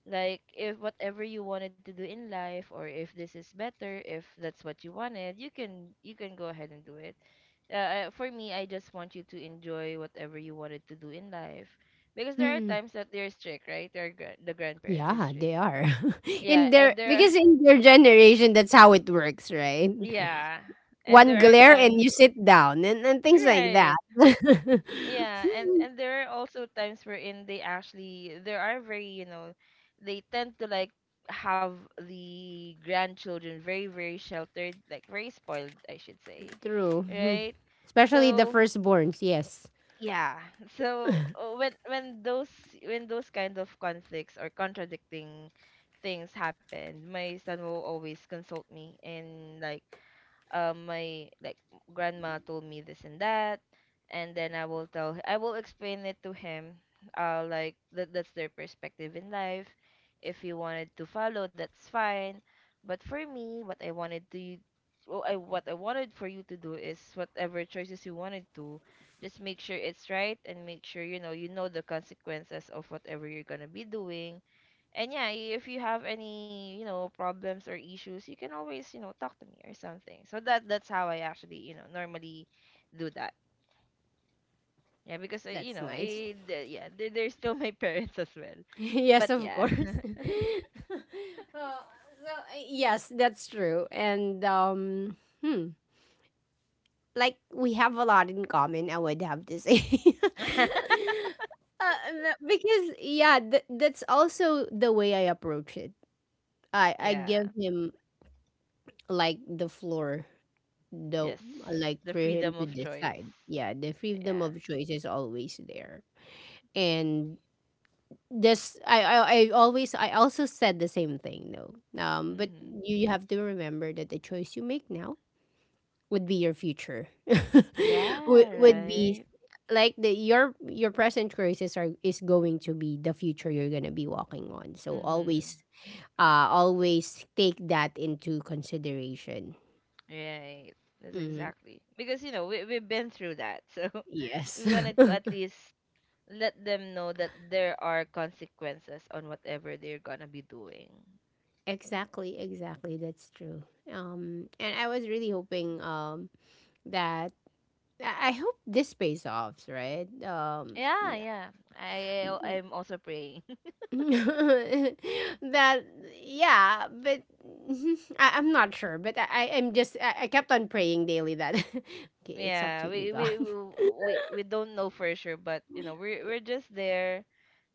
like if whatever you wanted to do in life or if this is better, if that's what you wanted, you can go ahead and do it. For me, I just want you to enjoy whatever you wanted to do in life. Because there are Mm. times that they're strict, right? The grandparents are Yeah, strict. they are. [LAUGHS] Yeah, in and their there are because in their generation that's how it works, right? Yeah. And One there are glare and times you sit down, and things like that. right. [LAUGHS] Yeah, and there are also times wherein they actually there are very, you know, they tend to like have the grandchildren very, very sheltered, like very spoiled, I should say. True. Hmm. Right? Especially the So, firstborns, yes. yeah. [LAUGHS] So when when those kind of conflicts or contradicting things happen, my son will always consult me and like my like grandma told me this and that, and then I will explain it to him. Like that, that's their perspective in life. If he wanted to follow, that's fine. But for me what I wanted to well, I, what I wanted for you to do is whatever choices you wanted to, just make sure it's right and make sure you know, you know the consequences of whatever you're going to be doing. And yeah, if you have any, you know, problems or issues, you can always, you know, talk to me or something. So that's how I actually, you know, normally do that. Yeah, because you That's know, nice. Yeah, they're still my [LAUGHS] parents as well. [LAUGHS] Yes, But of yeah. course. [LAUGHS] Uh, so, yes, that's true. And hmm, like we have a lot in common, I would have to say. [LAUGHS] [LAUGHS] No, because yeah, that's also the way I approach it. I Yeah. give him like the floor, though, Yes. like The for freedom him to of choice. decide. Yeah, the freedom Yeah. of choice is always there, and this, I also said the same thing, though. But Hmm. you have to remember that the choice you make now would be your future. [LAUGHS] would Yeah, would be right. like the your present choices are is going to be the future you're gonna be walking on. So Mm-hmm. Always take that into consideration. Right. That's Hmm. Exactly. Because, you know, we we've been through that. So [LAUGHS] Yes. we wanted to at [LAUGHS] least let them know that there are consequences on whatever they're gonna be doing. Exactly, exactly. That's true. And I was really hoping, that I hope this pays off, right? Yeah, yeah. I'm also praying. [LAUGHS] that Yeah, but [LAUGHS] mhm, I'm not sure. But I kept on praying daily that [LAUGHS] [LAUGHS] okay, it's up Yeah, to you, God. [LAUGHS] We don't know for sure, but you know, we're just there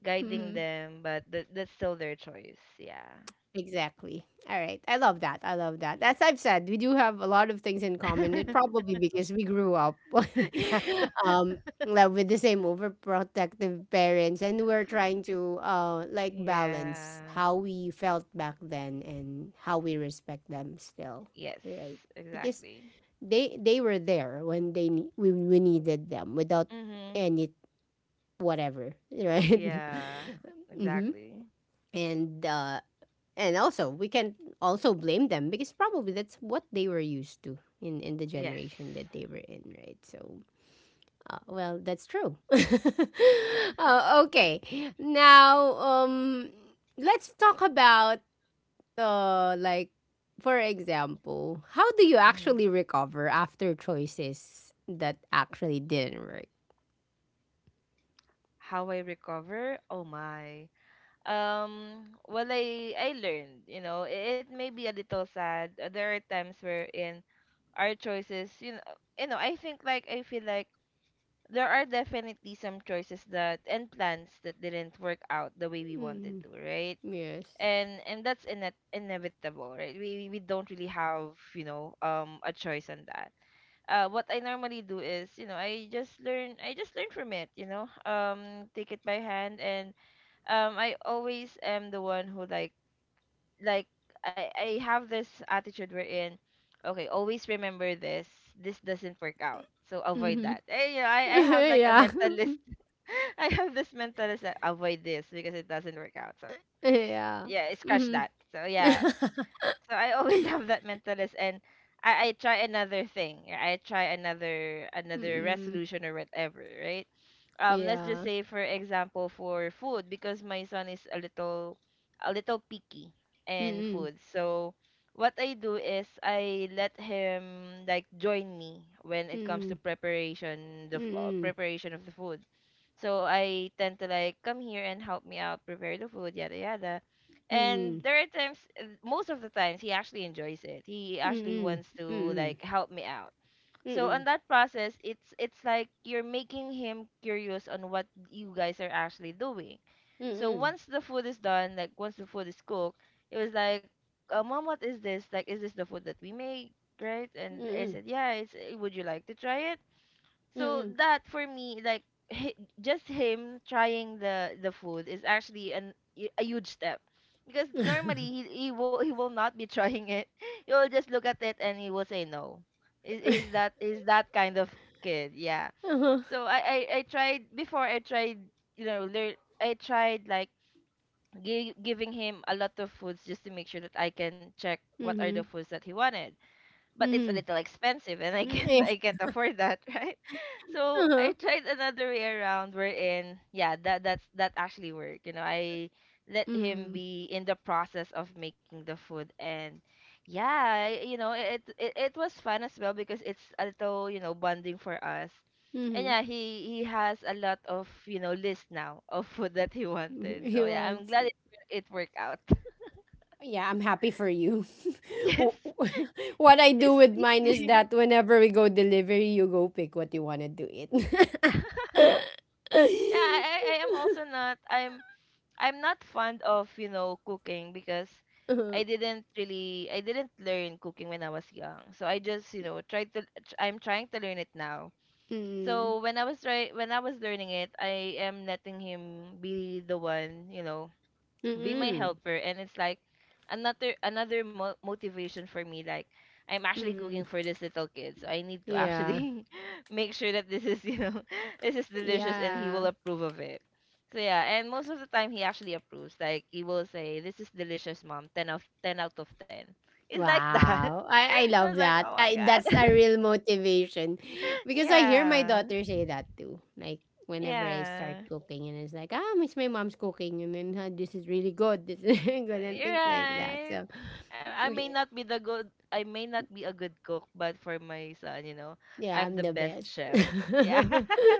guiding Mhm. them, but that that's still their choice. Yeah. Exactly. All right. I love that. I love that. As I've said, we do have a lot of things in common. It [LAUGHS] probably because we grew up. [LAUGHS] Yeah. um like with the same overprotective parents, and we're trying to like balance Yeah. how we felt back then and how we respect them still. Yes, Right. Because exactly. they were there when we needed them without Mhm. any whatever, [LAUGHS] right? Yeah, [LAUGHS] Mhm. exactly. And uh and also, we can also blame them because probably that's what they were used to in the Yes. generation that they were in, right? So, well, that's true. [LAUGHS] Okay. Now, let's talk about, like, for example, how do you Mhm. actually recover after choices that actually didn't work? How I recover? Oh my. Well, I learned, you know, it may be a little sad. There are times where in our choices, you know, I feel like there are definitely some choices that and plans that didn't work out the way we wanted Mm, to, right? yes. And that's inet inevitable, right? We we don't really have, you know, a choice on that. What I normally do is, you know, I just learn from it, you know. Um take it by hand and I always am the one who like I have this attitude wherein okay, always remember this this doesn't work out, so avoid Mm-hmm. that. You know, I have [LAUGHS] like a Yeah. mentalist [LAUGHS] I have this mentalist that avoid this because it doesn't work out so [LAUGHS] Yeah. yeah, scratch Mm-hmm. that. So yeah, [LAUGHS] so I always [LAUGHS] have that mental list and I try another thing. Yeah, I try another Mm. resolution or whatever, right? Let's just Yeah. say for example for food, because my son is a little picky in Mm, food. So what I do is I let him like join me when it comes to mm, preparation mm, mm, preparation of the food. So I tend to like come here and help me out prepare the food, yada yada, and mm, there are times, most of the times he actually enjoys it, he actually mm, wants to mm, like help me out. So on that process, it's like you're making him curious on what you guys are actually doing. So mm, once the food is done, like once the food is cooked, it was like, "Mom, what is this? Like, is this the food that we make?" Right? And I mm, said, "Yeah, it's, would you like to try it?" So mm. that for me, like, hi, just him trying the food is actually a huge step, because normally [LAUGHS] he will not be trying it. [LAUGHS] He'll just look at it and he will say no. Is that kind of kid? Yeah. Uh-huh. So I tried before, I tried, you know learn I tried like giving him a lot of foods just to make sure that I can check what are the Mhm. foods that he wanted, but it's a Mhm. little expensive and I Mm, can't, yeah. [LAUGHS] I can't afford that, [LAUGHS] right? So Uh-huh. I tried another way around, wherein yeah, that that actually worked. You know, I let him Mm, be in the process of making the food, and yeah, it was fun as well because it's a little, you know, bonding for us. And mhm. yeah, he has a lot of, you know, list now of food that he wanted. He So yeah, I'm wants. glad it worked out. [LAUGHS] Yeah, I'm happy for you. [LAUGHS] Yes. W- w- [LAUGHS] what I [LAUGHS] do He's with mine is picky. that whenever we go delivery, you go pick what you want to do it. [LAUGHS] Yeah, I am also not. I'm not fond of, you know, cooking, because I Uh-huh. didn't really I didn't learn cooking when I was young. So I just, you know, tried to I'm trying to learn it now. Mm, So when I was try when I was learning it, I am letting him be the one, you know, mm, be my mm, helper, and it's like another motivation for me, like I'm actually mm. cooking for this little kid, so I need to Yeah. actually [LAUGHS] make sure that this is, you know, [LAUGHS] this is delicious and he will Yeah. approve of it. So yeah, and most of the time he actually approves, like he will say, "This is delicious, Mom, 10 of 10 out of 10." It's like that. Wow. I [LAUGHS] It was love like, "Oh that. my I That's a God." real motivation. [LAUGHS] Because I hear my Yeah. daughter say that too. Like whenever I start Yeah, cooking and it's like, ah, miss my mom's cooking, and then, "Ah, this is really good. This is [LAUGHS] really good," and you're things like that. right. So I may y- not be the good I may not be a good cook, but for my son, you know, yeah, I'm I'm the the best best. chef. Yeah. [LAUGHS] [LAUGHS]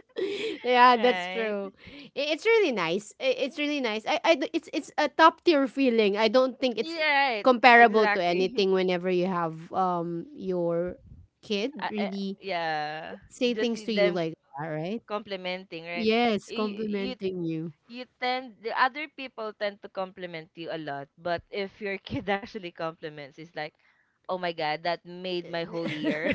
Yeah, that's true. Right. It's really nice. It's really nice. I d- it's a top tier feeling. I don't think it's Yeah, right. comparable to Exactly. anything whenever you have your kid [LAUGHS] I, I, really yeah. say Just things see to you them like that, right? complimenting, right? Yes, You complimenting you. you tend, the other people tend to compliment you a lot, but if your kid [LAUGHS] actually compliments, it's like, "Oh my God, that made my [LAUGHS] whole year."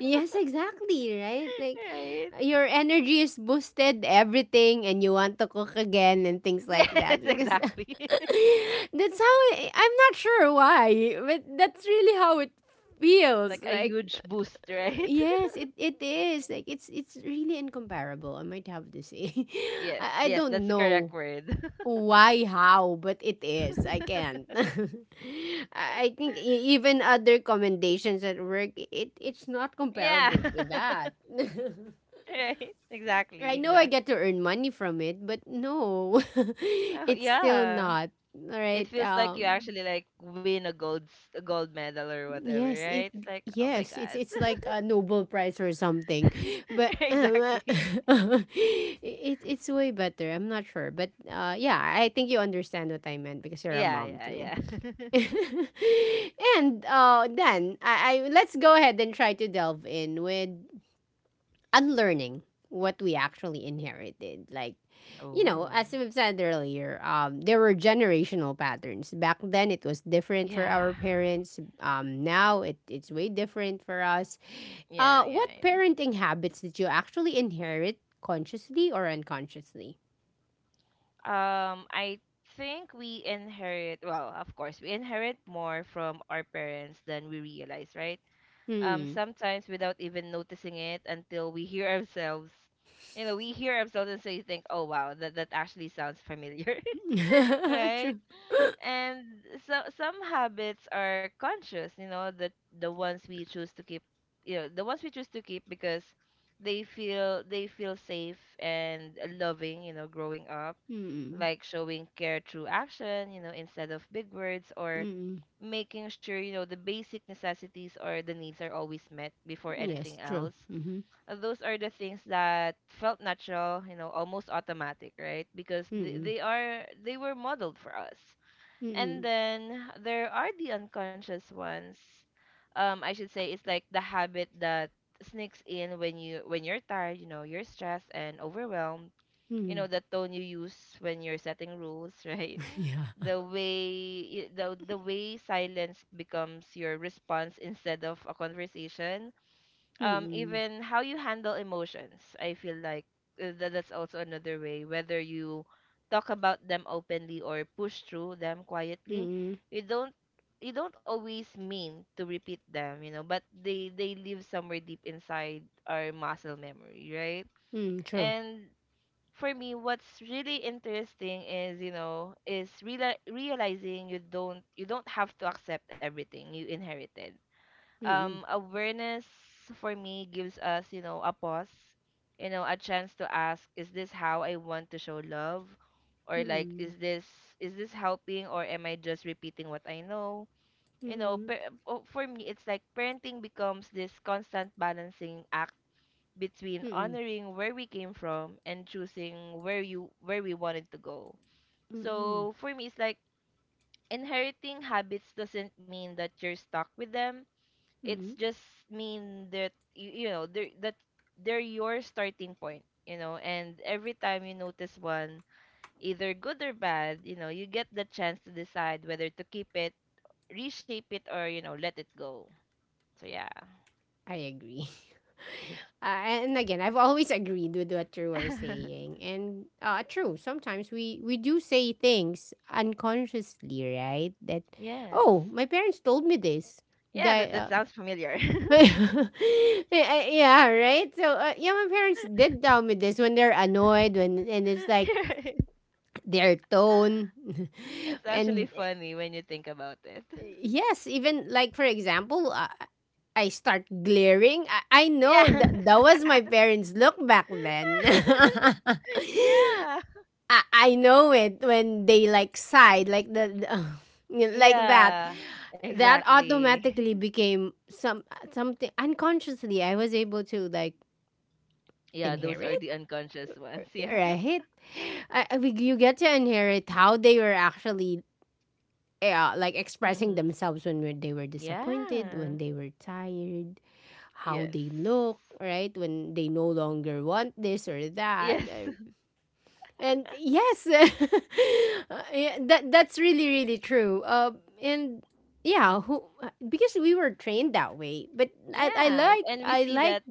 Yes, exactly, right? Like [LAUGHS] Right? your energy is boosted, everything, and you want to cook again and things like that. Yes, [LAUGHS] Because [LAUGHS] exactly. that's how it, I'm not sure why, but that's really how it feels. Like a Like, huge boost, right? [LAUGHS] yes, it is. Like it's really incomparable, I might have to say. [LAUGHS] Yes, I yes, that's don't the know. correct word. Why, how? But it is. I [LAUGHS] can't. [LAUGHS] I think, even other commendations at work, it's not Yeah. comparable to that. [LAUGHS] [LAUGHS] Right. Exactly, I know I get to exactly. earn money from it, but no, [LAUGHS] Oh, it's still yeah. not. All It right. feels like you actually like win a gold medal or whatever, Yes. It. right? It's like, oh my Yes. It's. God. It's like a Nobel Prize or something, but [LAUGHS] Exactly. uh, [LAUGHS] it. It's way better. I'm not sure, but yeah. I think you understand what I meant because you're a Yeah, mom yeah, too. yeah. [LAUGHS] And then, I let's go ahead and try to delve in with unlearning what we actually inherited. Like, [LAUGHS] Oh. as we've said earlier, there were generational patterns. Back then, it was different for Yeah. our parents. Now, it's way different for us. Yeah, yeah, What yeah. parenting habits did you actually inherit, consciously or unconsciously? I think we inherit, well, of course, we inherit more from our parents than we realize, right? Hmm. Sometimes without even noticing it until we hear ourselves. You know, we hear ourselves and so you think, oh wow, that actually sounds familiar. [LAUGHS] [LAUGHS] Right? True. And so some habits are conscious, you know, the ones we choose to keep, you know, the ones we choose to keep because they feel safe and loving, you know, growing up. Mm-mm. Like showing care through action, you know, instead of big words, or Mm-mm. making sure, you know, the basic necessities or the needs are always met before anything Yes, true. else. Mm-hmm. Those are the things that felt natural, you know, almost automatic, right? Because they, Mm-mm. they are they were modeled for us. And Mm, then there are the unconscious ones. I should say it's like the habit that sneaks in when you, when you're tired, you know, you're stressed and overwhelmed. You mm. know, the tone you use when you're setting rules. [LAUGHS] Right. [LAUGHS] Yeah. The way silence becomes your response instead of a conversation. Mm, Even how you handle emotions, I feel like, that's also another way, whether you talk about them openly or push through them quietly. mm, You don't, you don't always mean to repeat them, you know, but they live somewhere deep inside our muscle memory, right? mm, true. And for me what's really interesting is, you know, is realizing you don't, you don't have to accept everything you inherited. Mm, Awareness for me gives us, you know, a pause, you know, a chance to ask, is this how I want to show love? Or like, mm, is this, is this helping, or am I just repeating what I know? You know, mm, for me it's like parenting becomes this constant balancing act between mm, honoring where we came from and choosing where you where we wanted to go. mm, So for me it's like inheriting habits doesn't mean that you're stuck with them. It's mm. just mean that you know, they're that they're your starting point, you know, and every time you notice one, either good or bad, you know, you get the chance to decide whether to keep it, reshape it, or, you know, let it go. So yeah. I agree. [LAUGHS] And again, I've always agreed with what you were [LAUGHS] saying. And true, sometimes we do say things unconsciously, right? That, Yes. oh, my parents told me this. Yeah, that, That, that sounds familiar. [LAUGHS] yeah, right? So, yeah, my parents did tell me this when they're annoyed, when and it's like, [LAUGHS] their tone. [LAUGHS] [LAUGHS] That's actually And funny when you think about it. [LAUGHS] yes, even like for example, I start glaring. I know Yeah. that that was my [LAUGHS] parents look back then. [LAUGHS] Yeah. I know it when they like sighed, like the [LAUGHS] like that Yeah. that Exactly. automatically [LAUGHS] became something unconsciously. I was able to like Yeah, those are inherit, the unconscious ones. [LAUGHS] Yeah. right? You get to inherit how they were actually. Yeah, like expressing Mm-hmm. themselves when they were disappointed, Yeah. when they were tired, how Yes. they look, right? When they no longer want this or that. Yes. [LAUGHS] And yes, [LAUGHS] yeah, that's really really true. And yeah, who because we were trained that way. But I, I Yeah. like And we I see like that,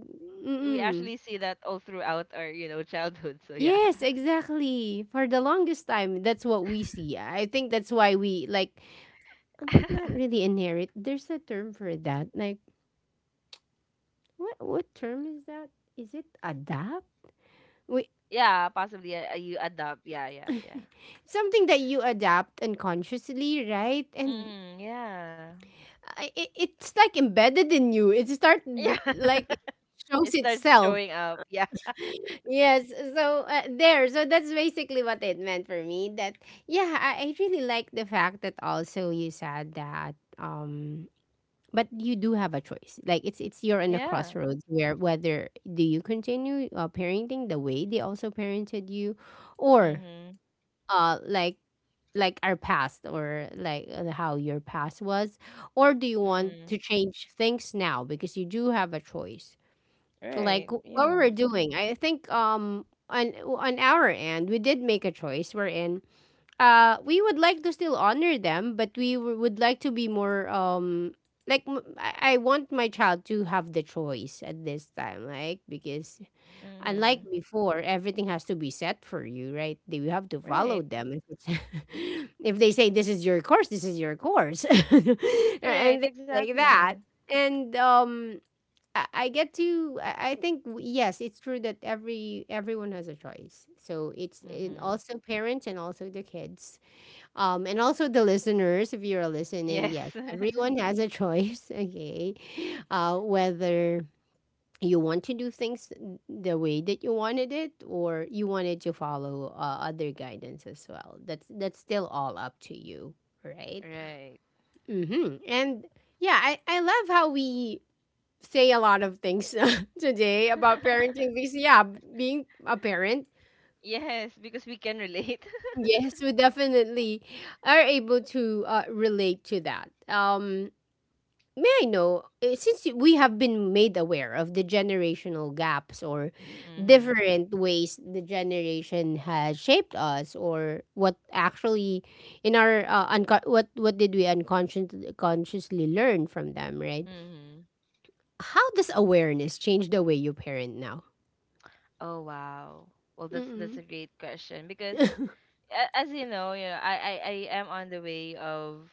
we mm actually see that all throughout our, you know, childhood. So yeah. yes, exactly. For the longest time, that's what we see. I think that's why we like, not [LAUGHS] really inherit. There's a term for that. Like, what term is that? Is it adapt? Wait. Yeah, possibly you adopt. Yeah, yeah, yeah. [LAUGHS] Something that you adapt unconsciously, right? And Mm, yeah. it's like embedded in you. [LAUGHS] Yeah. Like it shows It starts itself. showing up. Yeah. Yes. So, there. So that's basically what it meant for me. That Yeah, I really like the fact that also you said that. But you do have a choice, like it's you're in a Yeah. crossroads where, whether do you continue parenting the way they also parented you, or Mm-hmm. uh like like our past, or like, how your past was, or do you want Mm, to change things now, because you do have a choice, like right. What we Yeah. were doing. I think, on our end, we did make a choice, we're in, we would like to still honor them, but would like to be more, like, I want my child to have the choice at this time, like, because unlike Mm-hmm. before, everything has to be set for you, right? they You have to follow Right. them, if, it's [LAUGHS] if they say this is your course, this is your course, [LAUGHS] and Right, things like that. exactly. And I get to. I think, yes, it's true that everyone has a choice. So it's in, Mm-hmm. also parents and also the kids, and also the listeners, if you're listening, Yes. yes, [LAUGHS] everyone has a choice, [LAUGHS] okay? Whether you want to do things the way that you wanted it, or you wanted to follow, other guidance as well. That's still all up to you, right? Right. Mm-hmm. And yeah, I love how we say a lot of things [LAUGHS] today about [LAUGHS] parenting, because yeah, being a parent, Yes, because we can relate. [LAUGHS] yes, we definitely are able to, relate to that. May I know, since we have been made aware of the generational gaps or Mm-hmm. different ways the generation has shaped us, or what actually in our, what did we unconsciously, consciously learn from them, right? Mm-hmm. How does awareness change the way you parent now? Oh wow. Well, that's Mm-mm, a great question because, as you know, I am on the way of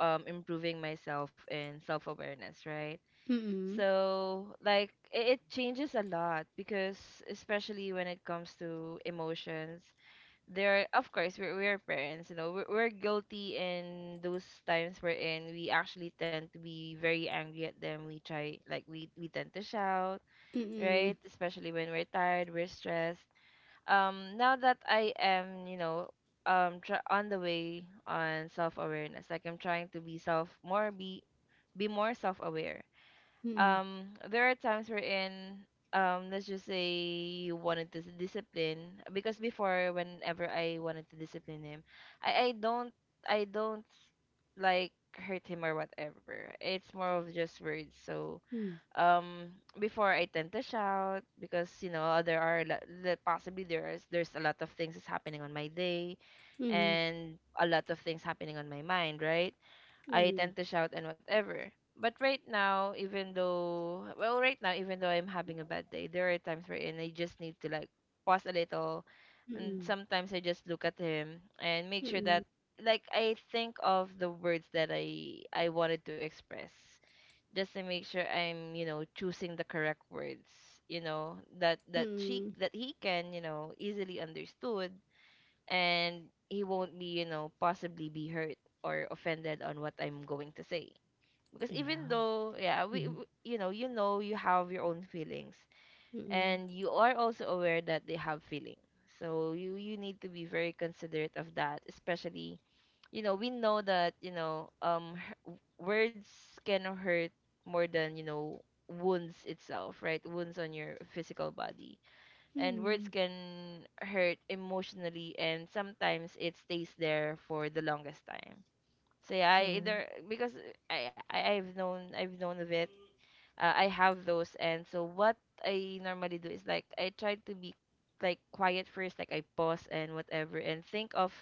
improving myself in self-awareness, right? mm-mm, So, like it changes a lot because, especially when it comes to emotions, there, of course, we're parents, you know, we're guilty in those times we're in, we actually tend to be very angry at them, we try like we tend to shout, mm-mm, right, especially when we're tired, we're stressed. Now that I am, you know, on the way on self-awareness, like I'm trying to be more self-aware. mm-mm, There are times wherein, let's just say, you wanted to discipline, because before, whenever I wanted to discipline him, I I don't I don't like hurt him or whatever, it's more of just words. So um before I tend to shout, because you know there are possibly there's a lot of things is happening on my day mm-mm, and a lot of things happening on my mind, right? I mm-mm, tend to shout and whatever. But right now, even though, well, right now, even though I'm having a bad day, there are times wherein I just need to like pause a little. mm-mm, And mm-mm, sometimes I just look at him and make sure that, mm-mm, like, I think of the words that I wanted to express, just to make sure I'm, you know, choosing the correct words, you know, that that she mm-mm. that he can, you know, easily understood, and he won't be, you know, possibly be hurt or offended on what I'm going to say. Because even Yeah. though, yeah, we, Mm-mm, w you know, you know you have your own feelings, mm-mm, and you are also aware that they have feelings. So you need to be very considerate of that, especially, you know, we know that, you know, words can hurt more than, you know, wounds itself, right? Wounds on your physical body, and words mm-mm. can hurt emotionally, and sometimes it stays there for the longest time. So yeah, I True. either because I've known of it, I have those. And so what I normally do is like I try to be like quiet first, like I pause and whatever and think of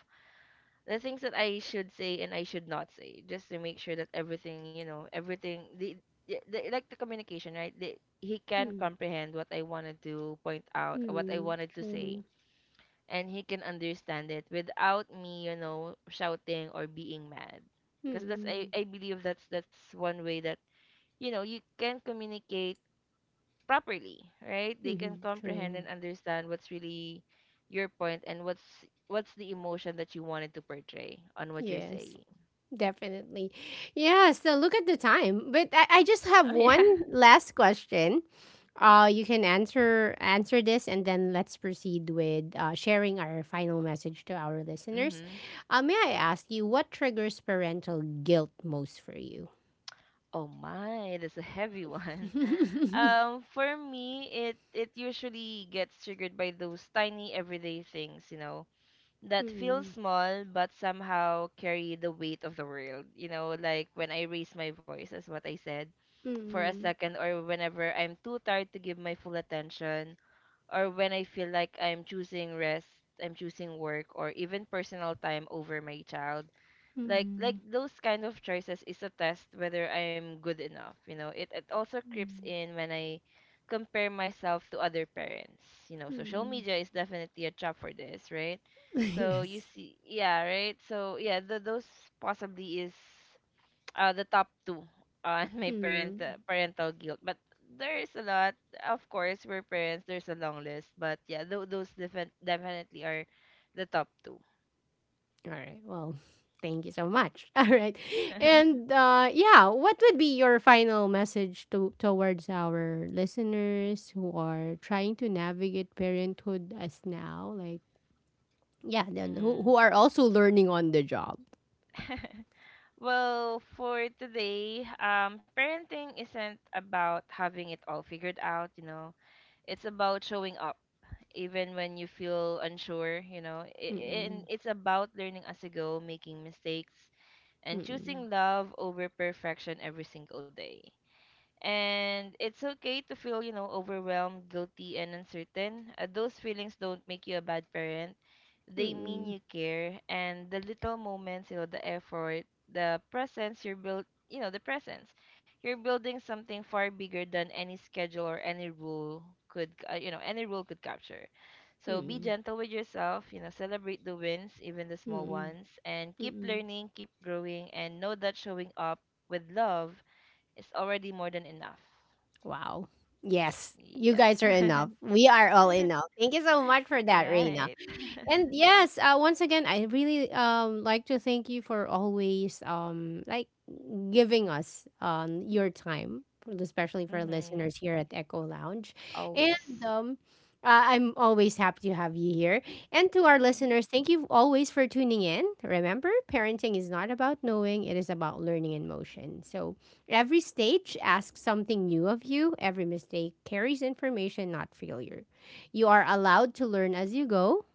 the things that I should say and I should not say, just to make sure that everything, you know, everything the like the communication, right, the, he can comprehend what I wanted to point out, what I Mm, wanted to true. say, and he can understand it without me, you know, shouting or being mad. Because that's, Mm, I believe that's one way that, you know, you can communicate properly, right? They can mm, comprehend true. and understand what's really your point and what's the emotion that you wanted to portray on what you're Yes, saying. definitely. Yeah, so look at the time. But I just have Oh yeah. one [LAUGHS] last question. You can answer this, and then let's proceed with, sharing our final message to our listeners. Mm-hmm. May I ask you what triggers parental guilt most for you? Oh my, that's a heavy one. [LAUGHS] [LAUGHS] For me, it usually gets triggered by those tiny everyday things, you know, that feel Mm, small but somehow carry the weight of the world. You know, like when I raise my voice, as what I said, for a mm, second, or whenever I'm too tired to give my full attention, or when I feel like I'm choosing rest, I'm choosing work, or even personal time over my child, mm, like mm, those kind of choices is a test whether I am good enough. You know, it also creeps mm. in when I compare myself to other parents. You know, social Mm. media is definitely a trap for this, right? [LAUGHS] So you Yes. see, yeah, right. So yeah, those possibly is the top two on [LAUGHS] my parent, Mm. parental guilt, but there is a lot. Of course, we're parents. There's a long list, but yeah, those definitely are the top two. All right. Well, [LAUGHS] thank you so much. [LAUGHS] All right. [LAUGHS] And yeah, what would be your final message to towards our listeners who are trying to navigate parenthood as now? Like, yeah, then who, Mm-hmm. who are also learning on the job? Well, for today, parenting isn't about having it all figured out, you know. It's about showing up, even when you feel unsure, you know. And Mm-mm, it's about learning as you go, making mistakes, and mm-mm, choosing love over perfection every single day. And it's okay to feel, you know, overwhelmed, guilty, and uncertain. Those feelings don't make you a bad parent. They mean mm-mm, you care. And the little moments, you know, the effort, the presence you're build, you know, the presence. You're building something far bigger than any schedule or any rule could, you know, any rule could capture. So be mm-mm, gentle with yourself, you know, celebrate the wins, even the small mm-mm, ones, and keep mm-mm. learning, keep growing, and know that showing up with love, it's already more than enough. Wow. Yes. You Yes. guys are enough. [LAUGHS] We are all enough. Thank you so much for that, Reina. Right. And [LAUGHS] yes, once again, I really like to thank you for always like giving us your time, especially for Mm-hmm. listeners here at Echo Lounge, and Always. um. I'm always happy to have you here. And to our [LAUGHS] listeners, thank you always for tuning in. Remember, parenting is not about knowing, it is about learning in motion. So every stage asks something new of you, every mistake carries information, not failure. You are allowed to learn as you go,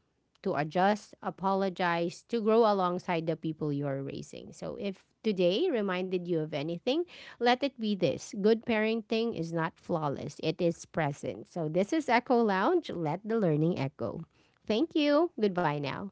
to adjust, apologize, to grow alongside the people you are raising. So if today reminded you of anything, let it be this. Good parenting is not flawless. It is present. So this is Echo Lounge. Let the learning echo. Thank you. Goodbye now.